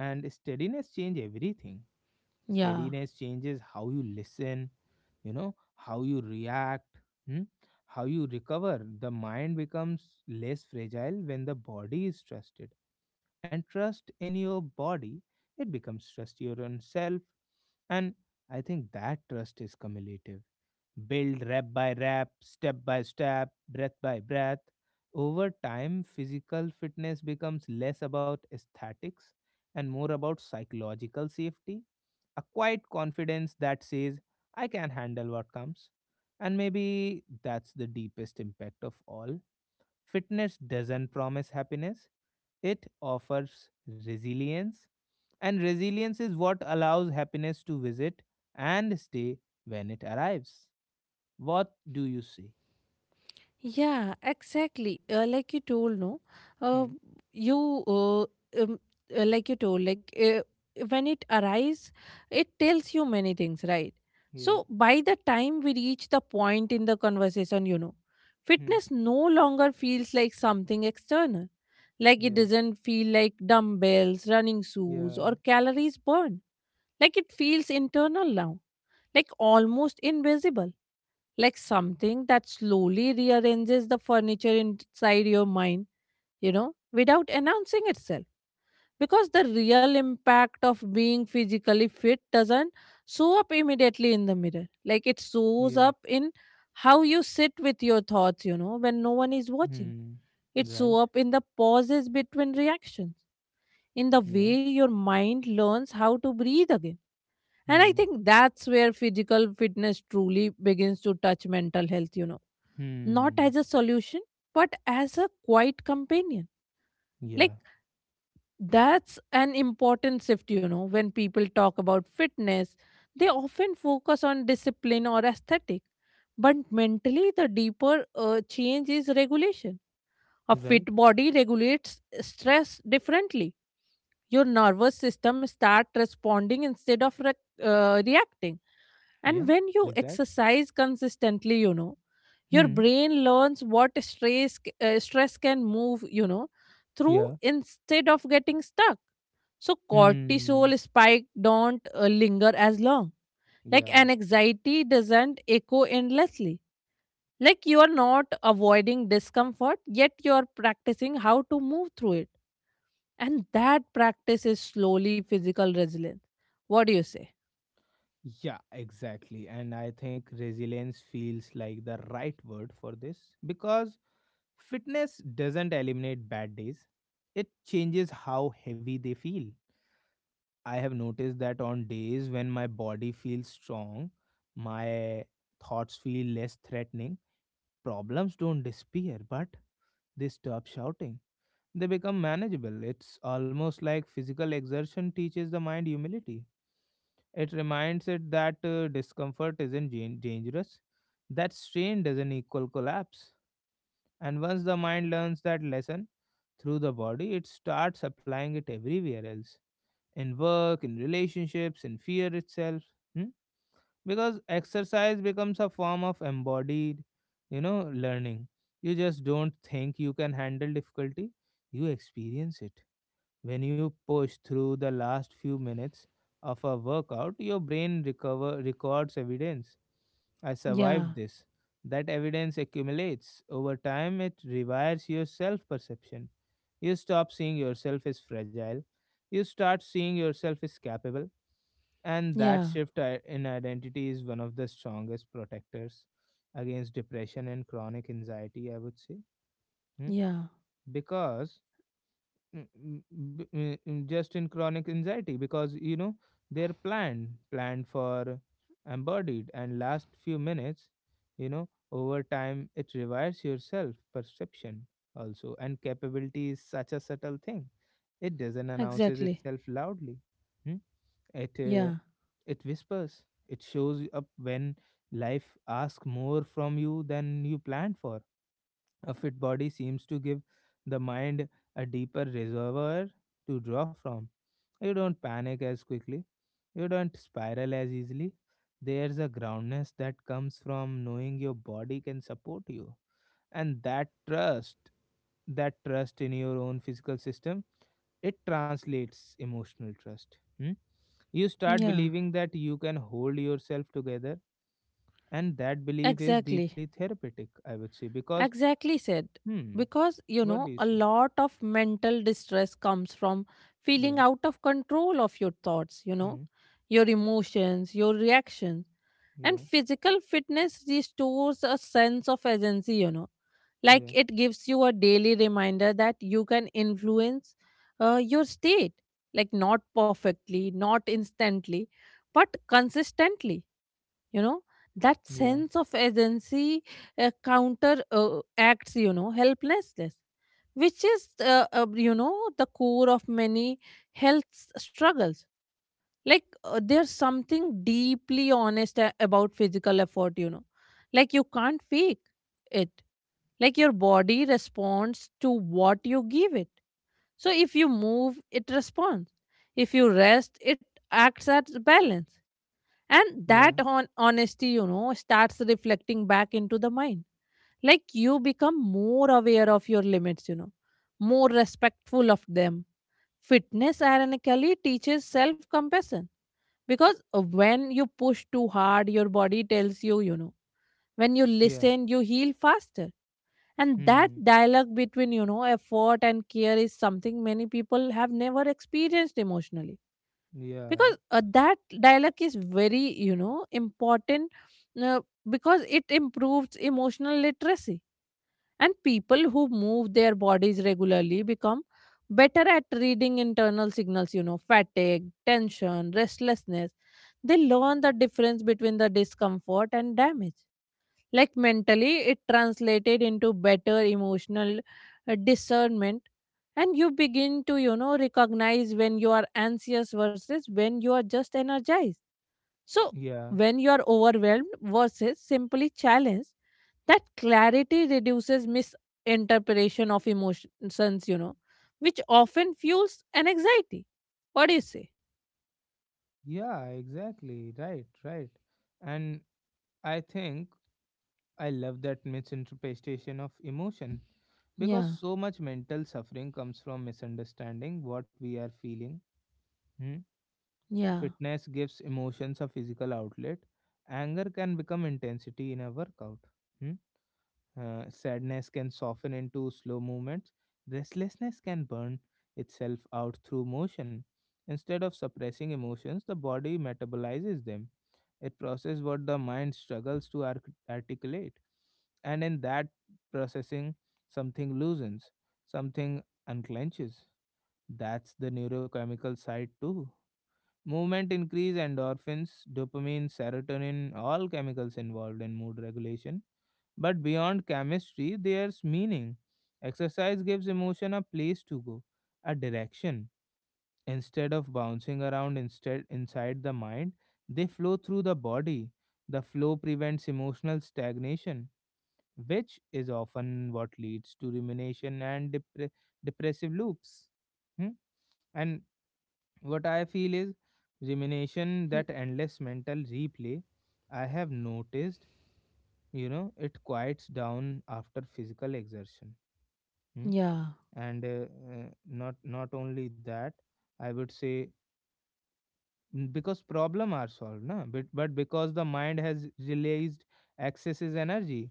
Speaker 1: And steadiness change everything.
Speaker 2: yeah.
Speaker 1: Steadiness changes how you listen, you know, how you react, hmm, how you recover. The mind becomes less fragile when the body is trusted, and trust in your body, it becomes trust your own self. And I think that trust is cumulative, build rep by rep, step by step, breath by breath. Over time, physical fitness becomes less about aesthetics and more about psychological safety, a quiet confidence that says, I can handle what comes. And maybe that's the deepest impact of all. Fitness doesn't promise happiness, it offers resilience. And resilience is what allows happiness to visit and stay when it arrives. What do you see?
Speaker 2: Yeah, exactly. Like you told, no, uh,
Speaker 1: Hmm.
Speaker 2: you like you told, when it arrives, it tells you many things, right?
Speaker 1: Yeah.
Speaker 2: So by the time we reach the point in the conversation,
Speaker 1: Hmm.
Speaker 2: fitness no longer feels like something external. Like it
Speaker 1: Yeah.
Speaker 2: doesn't feel like dumbbells, running shoes,
Speaker 1: Yeah.
Speaker 2: or calories burned. Like it feels internal now, like almost invisible, like something that slowly rearranges the furniture inside your mind, without announcing itself. Because the real impact of being physically fit doesn't show up immediately in the mirror. Like it shows
Speaker 1: Yeah.
Speaker 2: up in how you sit with your thoughts, when no one is watching.
Speaker 1: Hmm.
Speaker 2: It
Speaker 1: Right.
Speaker 2: shows up in the pauses between reactions, in the
Speaker 1: Yeah.
Speaker 2: way your mind learns how to breathe again. And I
Speaker 1: Hmm.
Speaker 2: think that's where physical fitness truly begins to touch mental health, not
Speaker 1: Hmm.
Speaker 2: as a solution, but as a quiet companion. Like,
Speaker 1: Yeah.
Speaker 2: that's an important shift, When people talk about fitness, they often focus on discipline or aesthetic. But mentally, the deeper change is regulation. A fit
Speaker 1: Right.
Speaker 2: body regulates stress differently. Your nervous system start responding instead of reacting. And
Speaker 1: Yeah.
Speaker 2: when you
Speaker 1: Exactly.
Speaker 2: exercise consistently, your
Speaker 1: Hmm.
Speaker 2: brain learns what stress can move, through
Speaker 1: Yeah.
Speaker 2: instead of getting stuck. So
Speaker 1: Hmm.
Speaker 2: cortisol spike don't linger as long, like
Speaker 1: Yeah.
Speaker 2: an anxiety doesn't echo endlessly. Like you are not avoiding discomfort, yet you are practicing how to move through it, and that practice is slowly physical resilience. What do you say?
Speaker 1: Yeah, exactly. And I think resilience feels like the right word for this, because fitness doesn't eliminate bad days. It changes how heavy they feel. I have noticed that on days when my body feels strong, my thoughts feel less threatening. Problems don't disappear, but they stop shouting. They become manageable. It's almost like physical exertion teaches the mind humility. It reminds it that discomfort isn't dangerous, that strain doesn't equal collapse. And once the mind learns that lesson through the body, it starts applying it everywhere else, in work, in relationships, in fear itself. Hmm? Because exercise becomes a form of embodied, you know, learning. You just don't think you can handle difficulty, you experience it. When you push through the last few minutes of a workout, your brain recover records evidence, I
Speaker 2: Yeah,
Speaker 1: survived this. That evidence accumulates over time, it rewires your self perception. You stop seeing yourself as fragile. You start seeing yourself as capable. And that
Speaker 2: yeah,
Speaker 1: shift in identity is one of the strongest protectors against depression and chronic anxiety, I would say. Hmm?
Speaker 2: yeah,
Speaker 1: Because just in chronic anxiety, because you know they're planned for embodied and last few minutes, you know, over time it revives your self perception also. And capability is such a subtle thing, it doesn't announces
Speaker 2: exactly.
Speaker 1: itself loudly. Hmm? it uh,
Speaker 2: Yeah,
Speaker 1: it whispers, it shows up when life asks more from you than you planned for. A fit body seems to give the mind a deeper reservoir to draw from. You don't panic as quickly, you don't spiral as easily. There's a groundness that comes from knowing your body can support you. And that trust in your own physical system, it translates emotional trust. Hmm? You start
Speaker 2: yeah.
Speaker 1: believing that you can hold yourself together, and that belief is
Speaker 2: Exactly.
Speaker 1: deeply therapeutic, I would say, because
Speaker 2: Exactly said.
Speaker 1: hmm,
Speaker 2: Because,
Speaker 1: what do you
Speaker 2: a
Speaker 1: say?
Speaker 2: lot of mental distress comes from
Speaker 1: Yeah.
Speaker 2: feeling out of control of your thoughts,
Speaker 1: Hmm.
Speaker 2: your emotions, your reactions. And
Speaker 1: Yeah.
Speaker 2: physical fitness restores a sense of agency, you know, like
Speaker 1: Yeah.
Speaker 2: it gives you a daily reminder that you can influence your state, like not perfectly, not instantly, but consistently, you know, that
Speaker 1: Yeah.
Speaker 2: sense of agency counter acts, you know, helplessness, which is you know, the core of many health struggles. Like there's something deeply honest about physical effort, you know, like you can't fake it. Like your body responds to what you give it. So if you move, it responds. If you rest, it acts as balance. And
Speaker 1: Yeah.
Speaker 2: that on honesty, you know, starts reflecting back into the mind. Like you become more aware of your limits, you know, more respectful of them. Fitness ironically teaches self compassion, because when you push too hard, your body tells you, you know, when you
Speaker 1: Yeah.
Speaker 2: listen, you heal faster. And that
Speaker 1: Hmm.
Speaker 2: dialogue between, you know, effort and care is something many people have never experienced emotionally.
Speaker 1: Yeah.
Speaker 2: Because that dialogue is very, you know, important. uh, because it improves emotional literacy, and people who move their bodies regularly become better at reading internal signals, you know, fatigue, tension, restlessness. They learn the difference between the discomfort and damage. Like mentally, it translated into better emotional discernment. And you begin to, you know, recognize when you are anxious versus when you are just energized. So
Speaker 1: Yeah.
Speaker 2: when you are overwhelmed versus simply challenged, that clarity reduces misinterpretation of emotions, you know, which often fuels an anxiety. What do you say?
Speaker 1: Yeah. Exactly. Right. Right. And I think I love that misinterpretation of emotion, because
Speaker 2: Yeah,
Speaker 1: so much mental suffering comes from misunderstanding what we are feeling. Hmm.
Speaker 2: yeah,
Speaker 1: Fitness gives emotions a physical outlet. Anger can become intensity in a workout. Hmm. Sadness can soften into slow movements. Restlessness can burn itself out through motion. Instead of suppressing emotions, the body metabolizes them. It processes what the mind struggles to articulate. And in that processing, something loosens, something unclenches. That's the neurochemical side too. Movement increase endorphins, dopamine, serotonin, all chemicals involved in mood regulation. But beyond chemistry, there's meaning. Exercise gives emotion a place to go, a direction. Instead of bouncing around instead inside the mind, they flow through the body. The flow prevents emotional stagnation, which is often what leads to rumination and depressive loops. Hmm? And what I feel is rumination,
Speaker 2: mm,
Speaker 1: that endless mental replay. I have noticed, you know, it quiets down after physical exertion. Mm.
Speaker 2: yeah,
Speaker 1: And not only that, I would say, mm, because problem are solved na but because the mind has released excesses energy.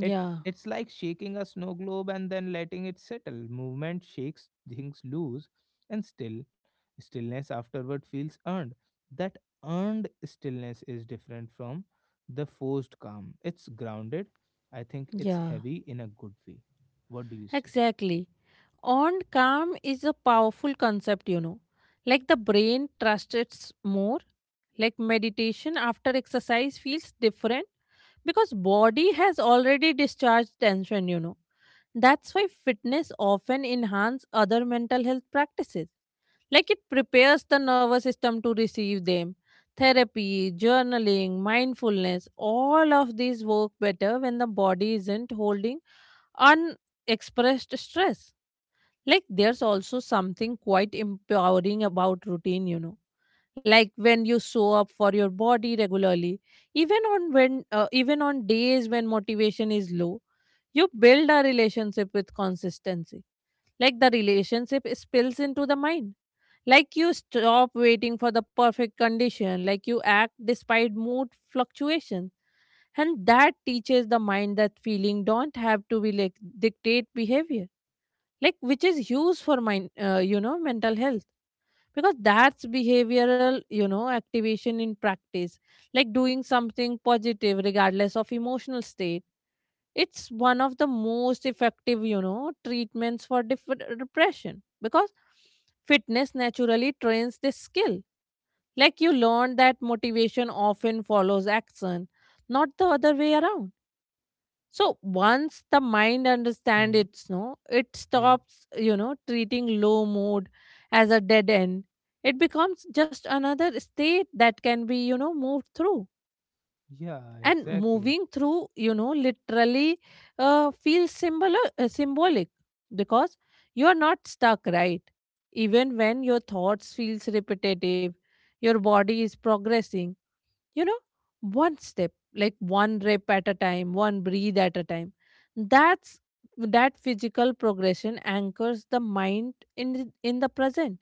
Speaker 1: it it's like shaking a snow globe and then letting it settle. Movement shakes things loose, and stillness afterward feels earned. That earned stillness is different from the forced calm. It's grounded. I think it's
Speaker 2: yeah.
Speaker 1: heavy in a good way. What do you see?
Speaker 2: Exactly. On calm is a powerful concept, you know. Like the brain trusts it more, like meditation after exercise feels different because body has already discharged tension, you know. That's why fitness often enhance other mental health practices. Like it prepares the nervous system to receive them. Therapy, journaling, mindfulness, all of these work better when the body isn't holding unexpressed stress. Like there's also something quite empowering about routine, you know. Like when you show up for your body regularly, even on days when motivation is low, you build a relationship with consistency. Like the relationship spills into the mind. Like you stop waiting for the perfect condition. Like you act despite mood fluctuations, and that teaches the mind that feeling don't have to be like dictate behavior. Like which is huge for mind you know, mental health. Because that's behavioral, you know, activation in practice. Like doing something positive regardless of emotional state, it's one of the most effective, you know, treatments for depression, because fitness naturally trains this skill. Like you learn that motivation often follows action, not the other way around. So once the mind understands
Speaker 1: Hmm.
Speaker 2: its no, it
Speaker 1: Yeah.
Speaker 2: stops, you know, treating low mood as a dead end. It becomes just another state that can be, you know, moved through.
Speaker 1: Yeah.
Speaker 2: And
Speaker 1: Exactly.
Speaker 2: moving through, you know, literally feels symbolic, because you are not stuck, right? Even when your thoughts feels repetitive, your body is progressing, you know, one step, like one rep at a time, one breathe at a time. That's that physical progression anchors the mind in the present.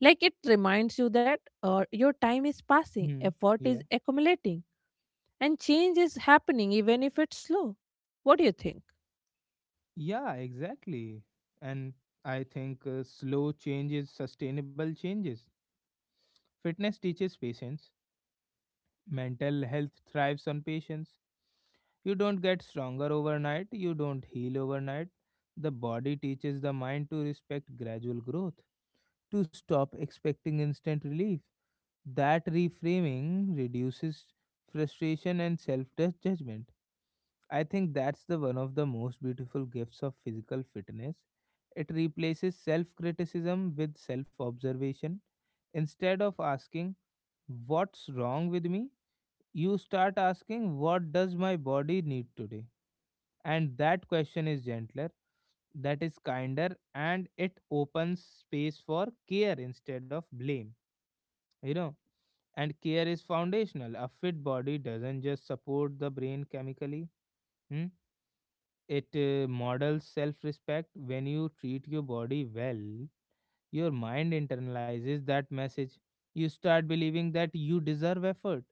Speaker 2: Like it reminds you that your time is passing,
Speaker 1: Hmm.
Speaker 2: effort is
Speaker 1: Yeah.
Speaker 2: accumulating, and change is happening even if it's slow. What do you think?
Speaker 1: Yeah. Exactly. And I think slow change is sustainable changes. Fitness teaches patience. Mental health thrives on patience. You don't get stronger overnight, you don't heal overnight. The body teaches the mind to respect gradual growth, to stop expecting instant relief. That reframing reduces frustration and self judgment. I think that's the one of the most beautiful gifts of physical fitness. It replaces self criticism with self observation. Instead of asking, "What's wrong with me?" you start asking, "What does my body need today?" And that question is gentler, that is kinder, and it opens space for care instead of blame. You know, and care is foundational. A fit body doesn't just support the brain chemically, hmm? It models self respect. When you treat your body well, your mind internalizes that message. You start believing that you deserve effort,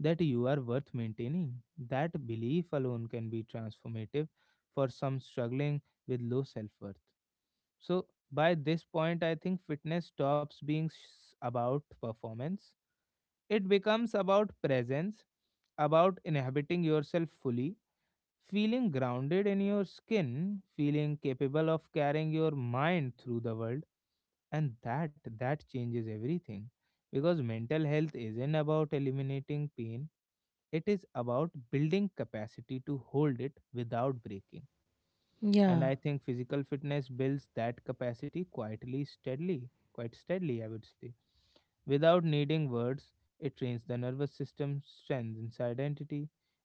Speaker 1: that you are worth maintaining. That belief alone can be transformative for some struggling with low self worth. So, by this point, I think fitness stops being about performance. It becomes about presence, about inhabiting yourself fully, feeling grounded in your skin, feeling capable of carrying your mind through the world. And that changes everything, because mental health isn't about eliminating pain, it is about building capacity to hold it without breaking. And
Speaker 2: Yeah,
Speaker 1: I think physical fitness builds that capacity quietly, steadily, quite steadily, I would say, without needing words. It trains the nervous system, strengthens identity,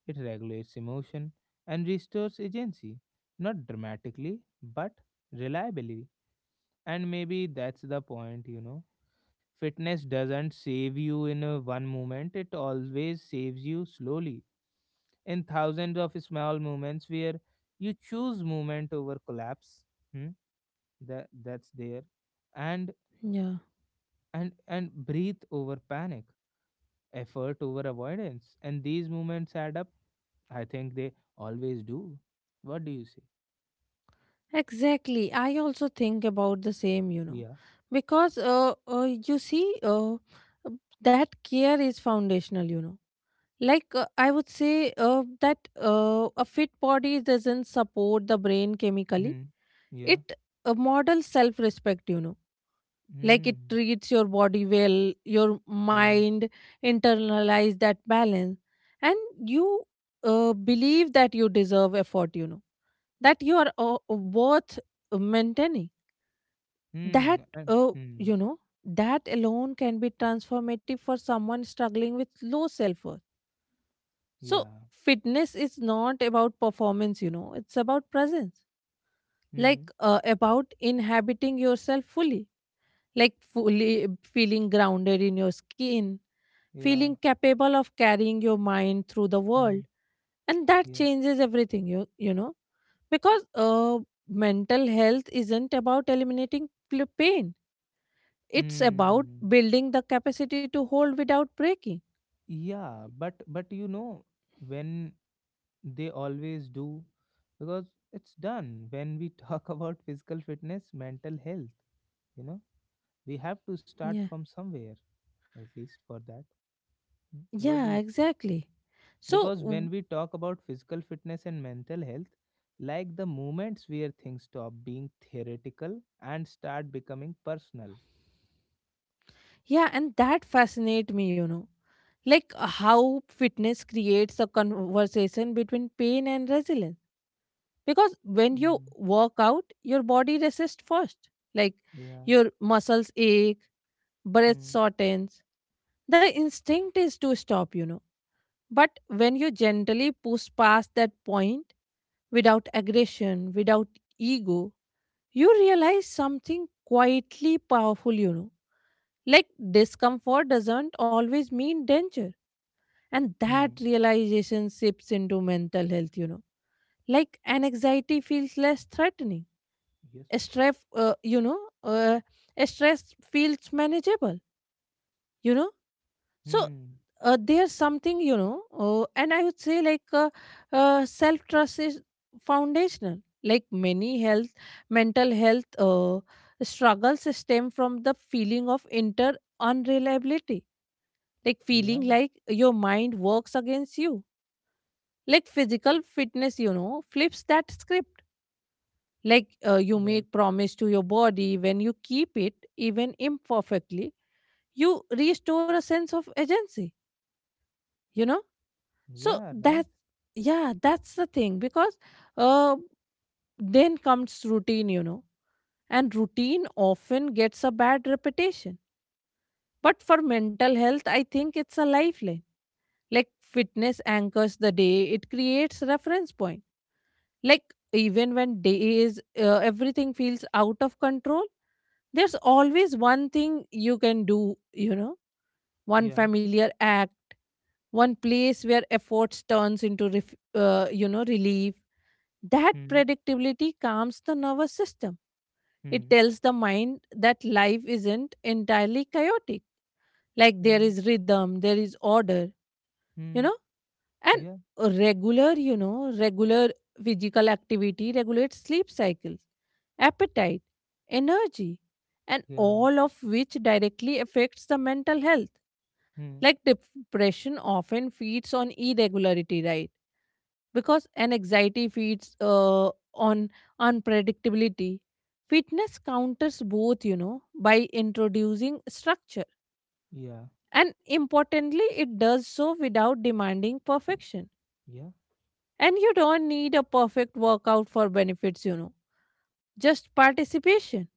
Speaker 1: it regulates emotion, and restores agency. Not dramatically, but reliably. And maybe that's the point, you know. Fitness doesn't save you in a one moment, it always saves you slowly, in thousands of small moments where you choose movement over collapse. Hmm. That that's there. And
Speaker 2: yeah,
Speaker 1: and breathe over panic, effort over avoidance. And these movements add up. I think they always do. What do you say?
Speaker 2: exactly. I also think about the same, you know.
Speaker 1: Yeah.
Speaker 2: Because you see, uh, uh, that care is foundational, you know. Like I would say that a fit body doesn't support the brain chemically,
Speaker 1: Hmm. Yeah.
Speaker 2: it models self respect, you know. Like it
Speaker 1: Hmm.
Speaker 2: treats your body well, your
Speaker 1: Yeah.
Speaker 2: mind internalize that balance. And you believe that you deserve effort, you know, that you are worth maintaining.
Speaker 1: Hmm.
Speaker 2: That
Speaker 1: And, hmm.
Speaker 2: you know, that alone can be transformative for someone struggling with low self worth. So,
Speaker 1: Yeah.
Speaker 2: fitness is not about performance, you know, it's about presence,
Speaker 1: Hmm.
Speaker 2: like about inhabiting yourself fully, like fully feeling grounded in your skin,
Speaker 1: Yeah.
Speaker 2: feeling capable of carrying your mind through the
Speaker 1: Hmm.
Speaker 2: world. And that
Speaker 1: Yeah.
Speaker 2: changes everything, you know, because mental health isn't about eliminating pain, it's about
Speaker 1: Mm,
Speaker 2: building the capacity to hold without breaking.
Speaker 1: yeah, but you know, when they always do, because it's done. When we talk about physical fitness, mental health, you know, we have to start
Speaker 2: Yeah.
Speaker 1: from somewhere, at least for that. Mm. What do
Speaker 2: Yeah,
Speaker 1: you say?
Speaker 2: exactly. So,
Speaker 1: Because
Speaker 2: w-
Speaker 1: when we talk about physical fitness and mental health, like the moments where things stop being theoretical and start becoming personal.
Speaker 2: Yeah, and that fascinate me, you know. Like how fitness creates a conversation between pain and resilience. Because when you
Speaker 1: Mm,
Speaker 2: work out, your body resists first. Like
Speaker 1: yeah.
Speaker 2: your muscles ache, breath
Speaker 1: Mm.
Speaker 2: shortens. The instinct is to stop, you know. But when you gently push past that point, without aggression, without ego, you realize something quietly powerful, you know. Like discomfort doesn't always mean danger. And that
Speaker 1: Mm.
Speaker 2: realization sips into mental health, you know. Like an anxiety feels less threatening.
Speaker 1: Yes.
Speaker 2: A stress, a stress feels manageable, you know. So
Speaker 1: Hmm.
Speaker 2: there's something, you know, and I would say like self trust is foundational. Like many health, mental health struggles stem from the feeling of inter unreliability, like feeling
Speaker 1: Yeah.
Speaker 2: like your mind works against you. Like physical fitness, you know, flips that script. Like you
Speaker 1: Right.
Speaker 2: make promise to your body, when you keep it even imperfectly, you restore a sense of agency, you know. So
Speaker 1: Yeah, right.
Speaker 2: that, yeah, that's the thing. Because uh, then comes routine, you know. And routine often gets a bad reputation, but for mental health, I think it's a lifeline. Like fitness anchors the day, it creates reference point. Like even when days everything feels out of control, there's always one thing you can do, you know, one
Speaker 1: Yeah.
Speaker 2: familiar act, one place where efforts turns into you know, relief. That
Speaker 1: Hmm.
Speaker 2: predictability calms the nervous system. It
Speaker 1: Hmm.
Speaker 2: tells the mind that life isn't entirely chaotic. Like there
Speaker 1: Yeah.
Speaker 2: is rhythm, there is order. You
Speaker 1: Hmm.
Speaker 2: know, and
Speaker 1: Yeah.
Speaker 2: regular physical activity regulates sleep cycles, appetite, energy, and
Speaker 1: Yeah.
Speaker 2: all of which directly affects the mental health.
Speaker 1: Hmm.
Speaker 2: Like depression often feeds on irregularity, right? Because an anxiety feeds on unpredictability. Fitness counters both, you know, by introducing structure.
Speaker 1: Yeah.
Speaker 2: And importantly, it does so without demanding perfection.
Speaker 1: Yeah.
Speaker 2: And you don't need a perfect workout for benefits, you know, just participation.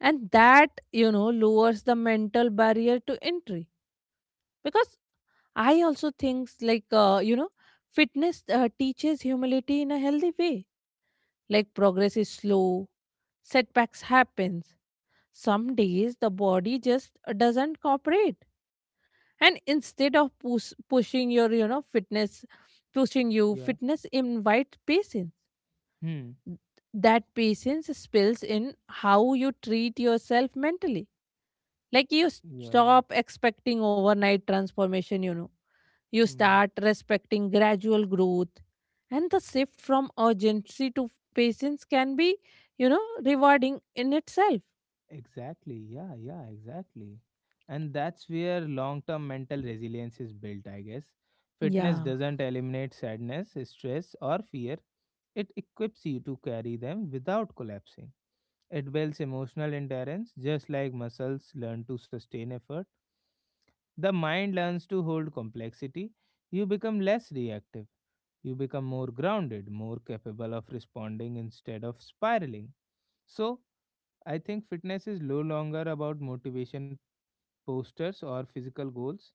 Speaker 2: And that, you know, lowers the mental barrier to entry. Because I also think, like, you know, fitness teaches humility in a healthy way. Like, progress is slow, setbacks happens. Some days the body just doesn't cooperate. And instead of pushing your, you know,
Speaker 1: Yeah.
Speaker 2: fitness invites patience.
Speaker 1: Hmm.
Speaker 2: That patience spills in how you treat yourself mentally. Like you
Speaker 1: Yeah.
Speaker 2: stop expecting overnight transformation, you know. You
Speaker 1: Hmm.
Speaker 2: start respecting gradual growth. And the shift from urgency to patience can be, you know, rewarding in itself.
Speaker 1: Exactly. Yeah. Yeah. Exactly. And that's where long term mental resilience is built, I guess. Fitness
Speaker 2: Yeah,
Speaker 1: doesn't eliminate sadness, stress, or fear, it equips you to carry them without collapsing. It builds emotional endurance. Just like muscles learn to sustain effort, the mind learns to hold complexity. You become less reactive. You become more grounded, more capable of responding instead of spiraling. So, I think fitness is no longer about motivation posters or physical goals.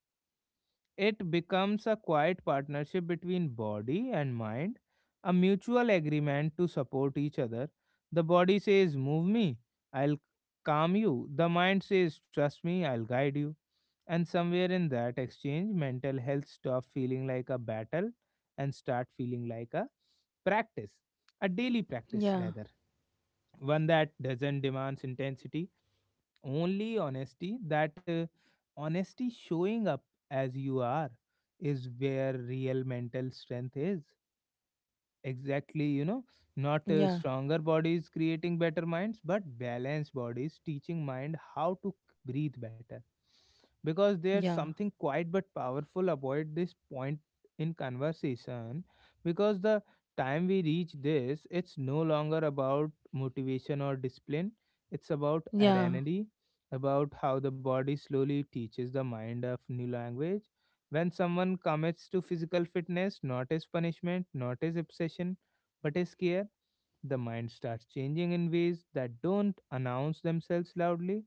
Speaker 1: It becomes a quiet partnership between body and mind, a mutual agreement to support each other. The body says, "Move me, I'll calm you." The mind says, "Trust me, I'll guide you." And somewhere in that exchange, mental health stops feeling like a battle and start feeling like a practice, a daily practice
Speaker 2: yeah,
Speaker 1: rather, one that doesn't demands intensity, only honesty. That honesty, showing up as you are, is where real mental strength is, exactly, you know. Not
Speaker 2: yeah,
Speaker 1: stronger bodies creating better minds, but balanced bodies teaching mind how to breathe better. Because there's
Speaker 2: yeah,
Speaker 1: something quiet but powerful about this point in conversation, because the time we reach this, it's no longer about motivation or discipline, it's about
Speaker 2: yeah,
Speaker 1: identity, about how the body slowly teaches the mind of new language. When someone commits to physical fitness, not as punishment, not as obsession, but as care, the mind starts changing in ways that don't announce themselves loudly.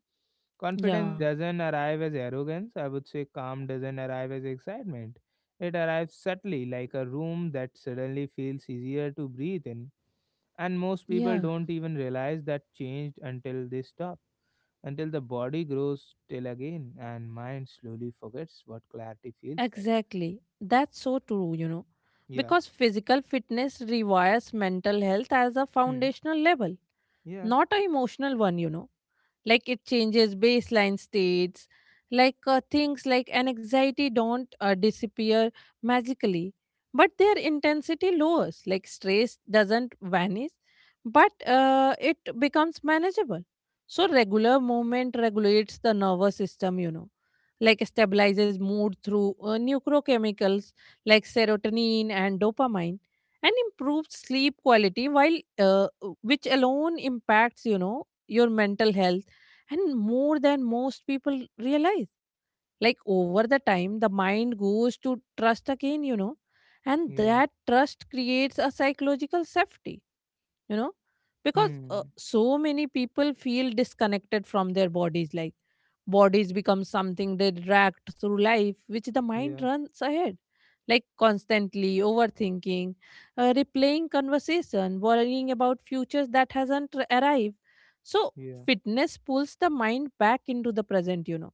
Speaker 1: Confidence
Speaker 2: yeah,
Speaker 1: doesn't arrive as arrogance. I would say calm doesn't arrive as excitement. It arrives subtly, like a room that suddenly feels easier to breathe in. And most people
Speaker 2: yeah.
Speaker 1: don't even realize that changed until they stop, until the body grows still again and mind slowly forgets what clarity feels like.
Speaker 2: Exactly. That's so true, you know.
Speaker 1: Yeah.
Speaker 2: Because physical fitness requires mental health as a
Speaker 1: Hmm.
Speaker 2: foundational level,
Speaker 1: Yeah.
Speaker 2: not a emotional one, you know. Like it changes baseline states. Like things like an anxiety don't disappear magically, but their intensity lowers. Like stress doesn't vanish, but it becomes manageable. So regular movement regulates the nervous system, you know, like stabilizes mood through neurochemicals like serotonin and dopamine, and improves sleep quality, while uh, which alone impacts, you know, your mental health, and more than most people realize. Like over the time, the mind goes to trust again, you know, and
Speaker 1: Yeah.
Speaker 2: that trust creates a psychological safety, you know. Because
Speaker 1: Hmm.
Speaker 2: so many people feel disconnected from their bodies. Like bodies become something they drag through life, which the mind
Speaker 1: Yeah.
Speaker 2: runs ahead, like constantly overthinking, replaying conversation, worrying about futures that hasn't arrived. So
Speaker 1: Yeah.
Speaker 2: fitness pulls the mind back into the present, you know,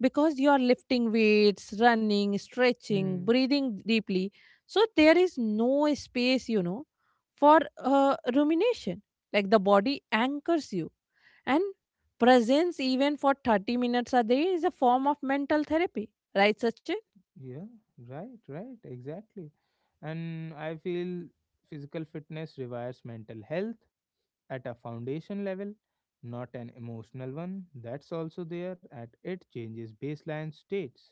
Speaker 2: because you are lifting weights, running, stretching,
Speaker 1: Hmm.
Speaker 2: breathing deeply. So there is no space, you know, for rumination. Like the body anchors you. And presence, even for 30 minutes a day, is a form of mental therapy, right, Sachin?
Speaker 1: Yeah. Right. Right. Exactly. And I feel physical fitness requires mental health at a foundation level, not an emotional one. That's also there at it changes baseline states.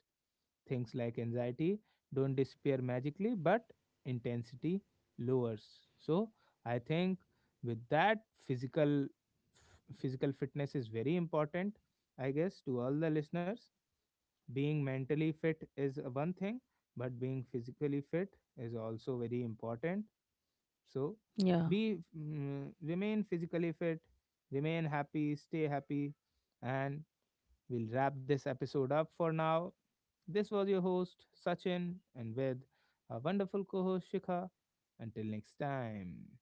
Speaker 1: Things like anxiety don't disappear magically, but intensity lowers. So I think, with that, physical fitness is very important. I guess, to all the listeners, being mentally fit is one thing, but being physically fit is also very important. So
Speaker 2: Yeah,
Speaker 1: be, mm, remain physically fit, remain happy, stay happy, and we'll wrap this episode up for now. This was your host, Sachin, and with our wonderful co host, Shikha. Until next time.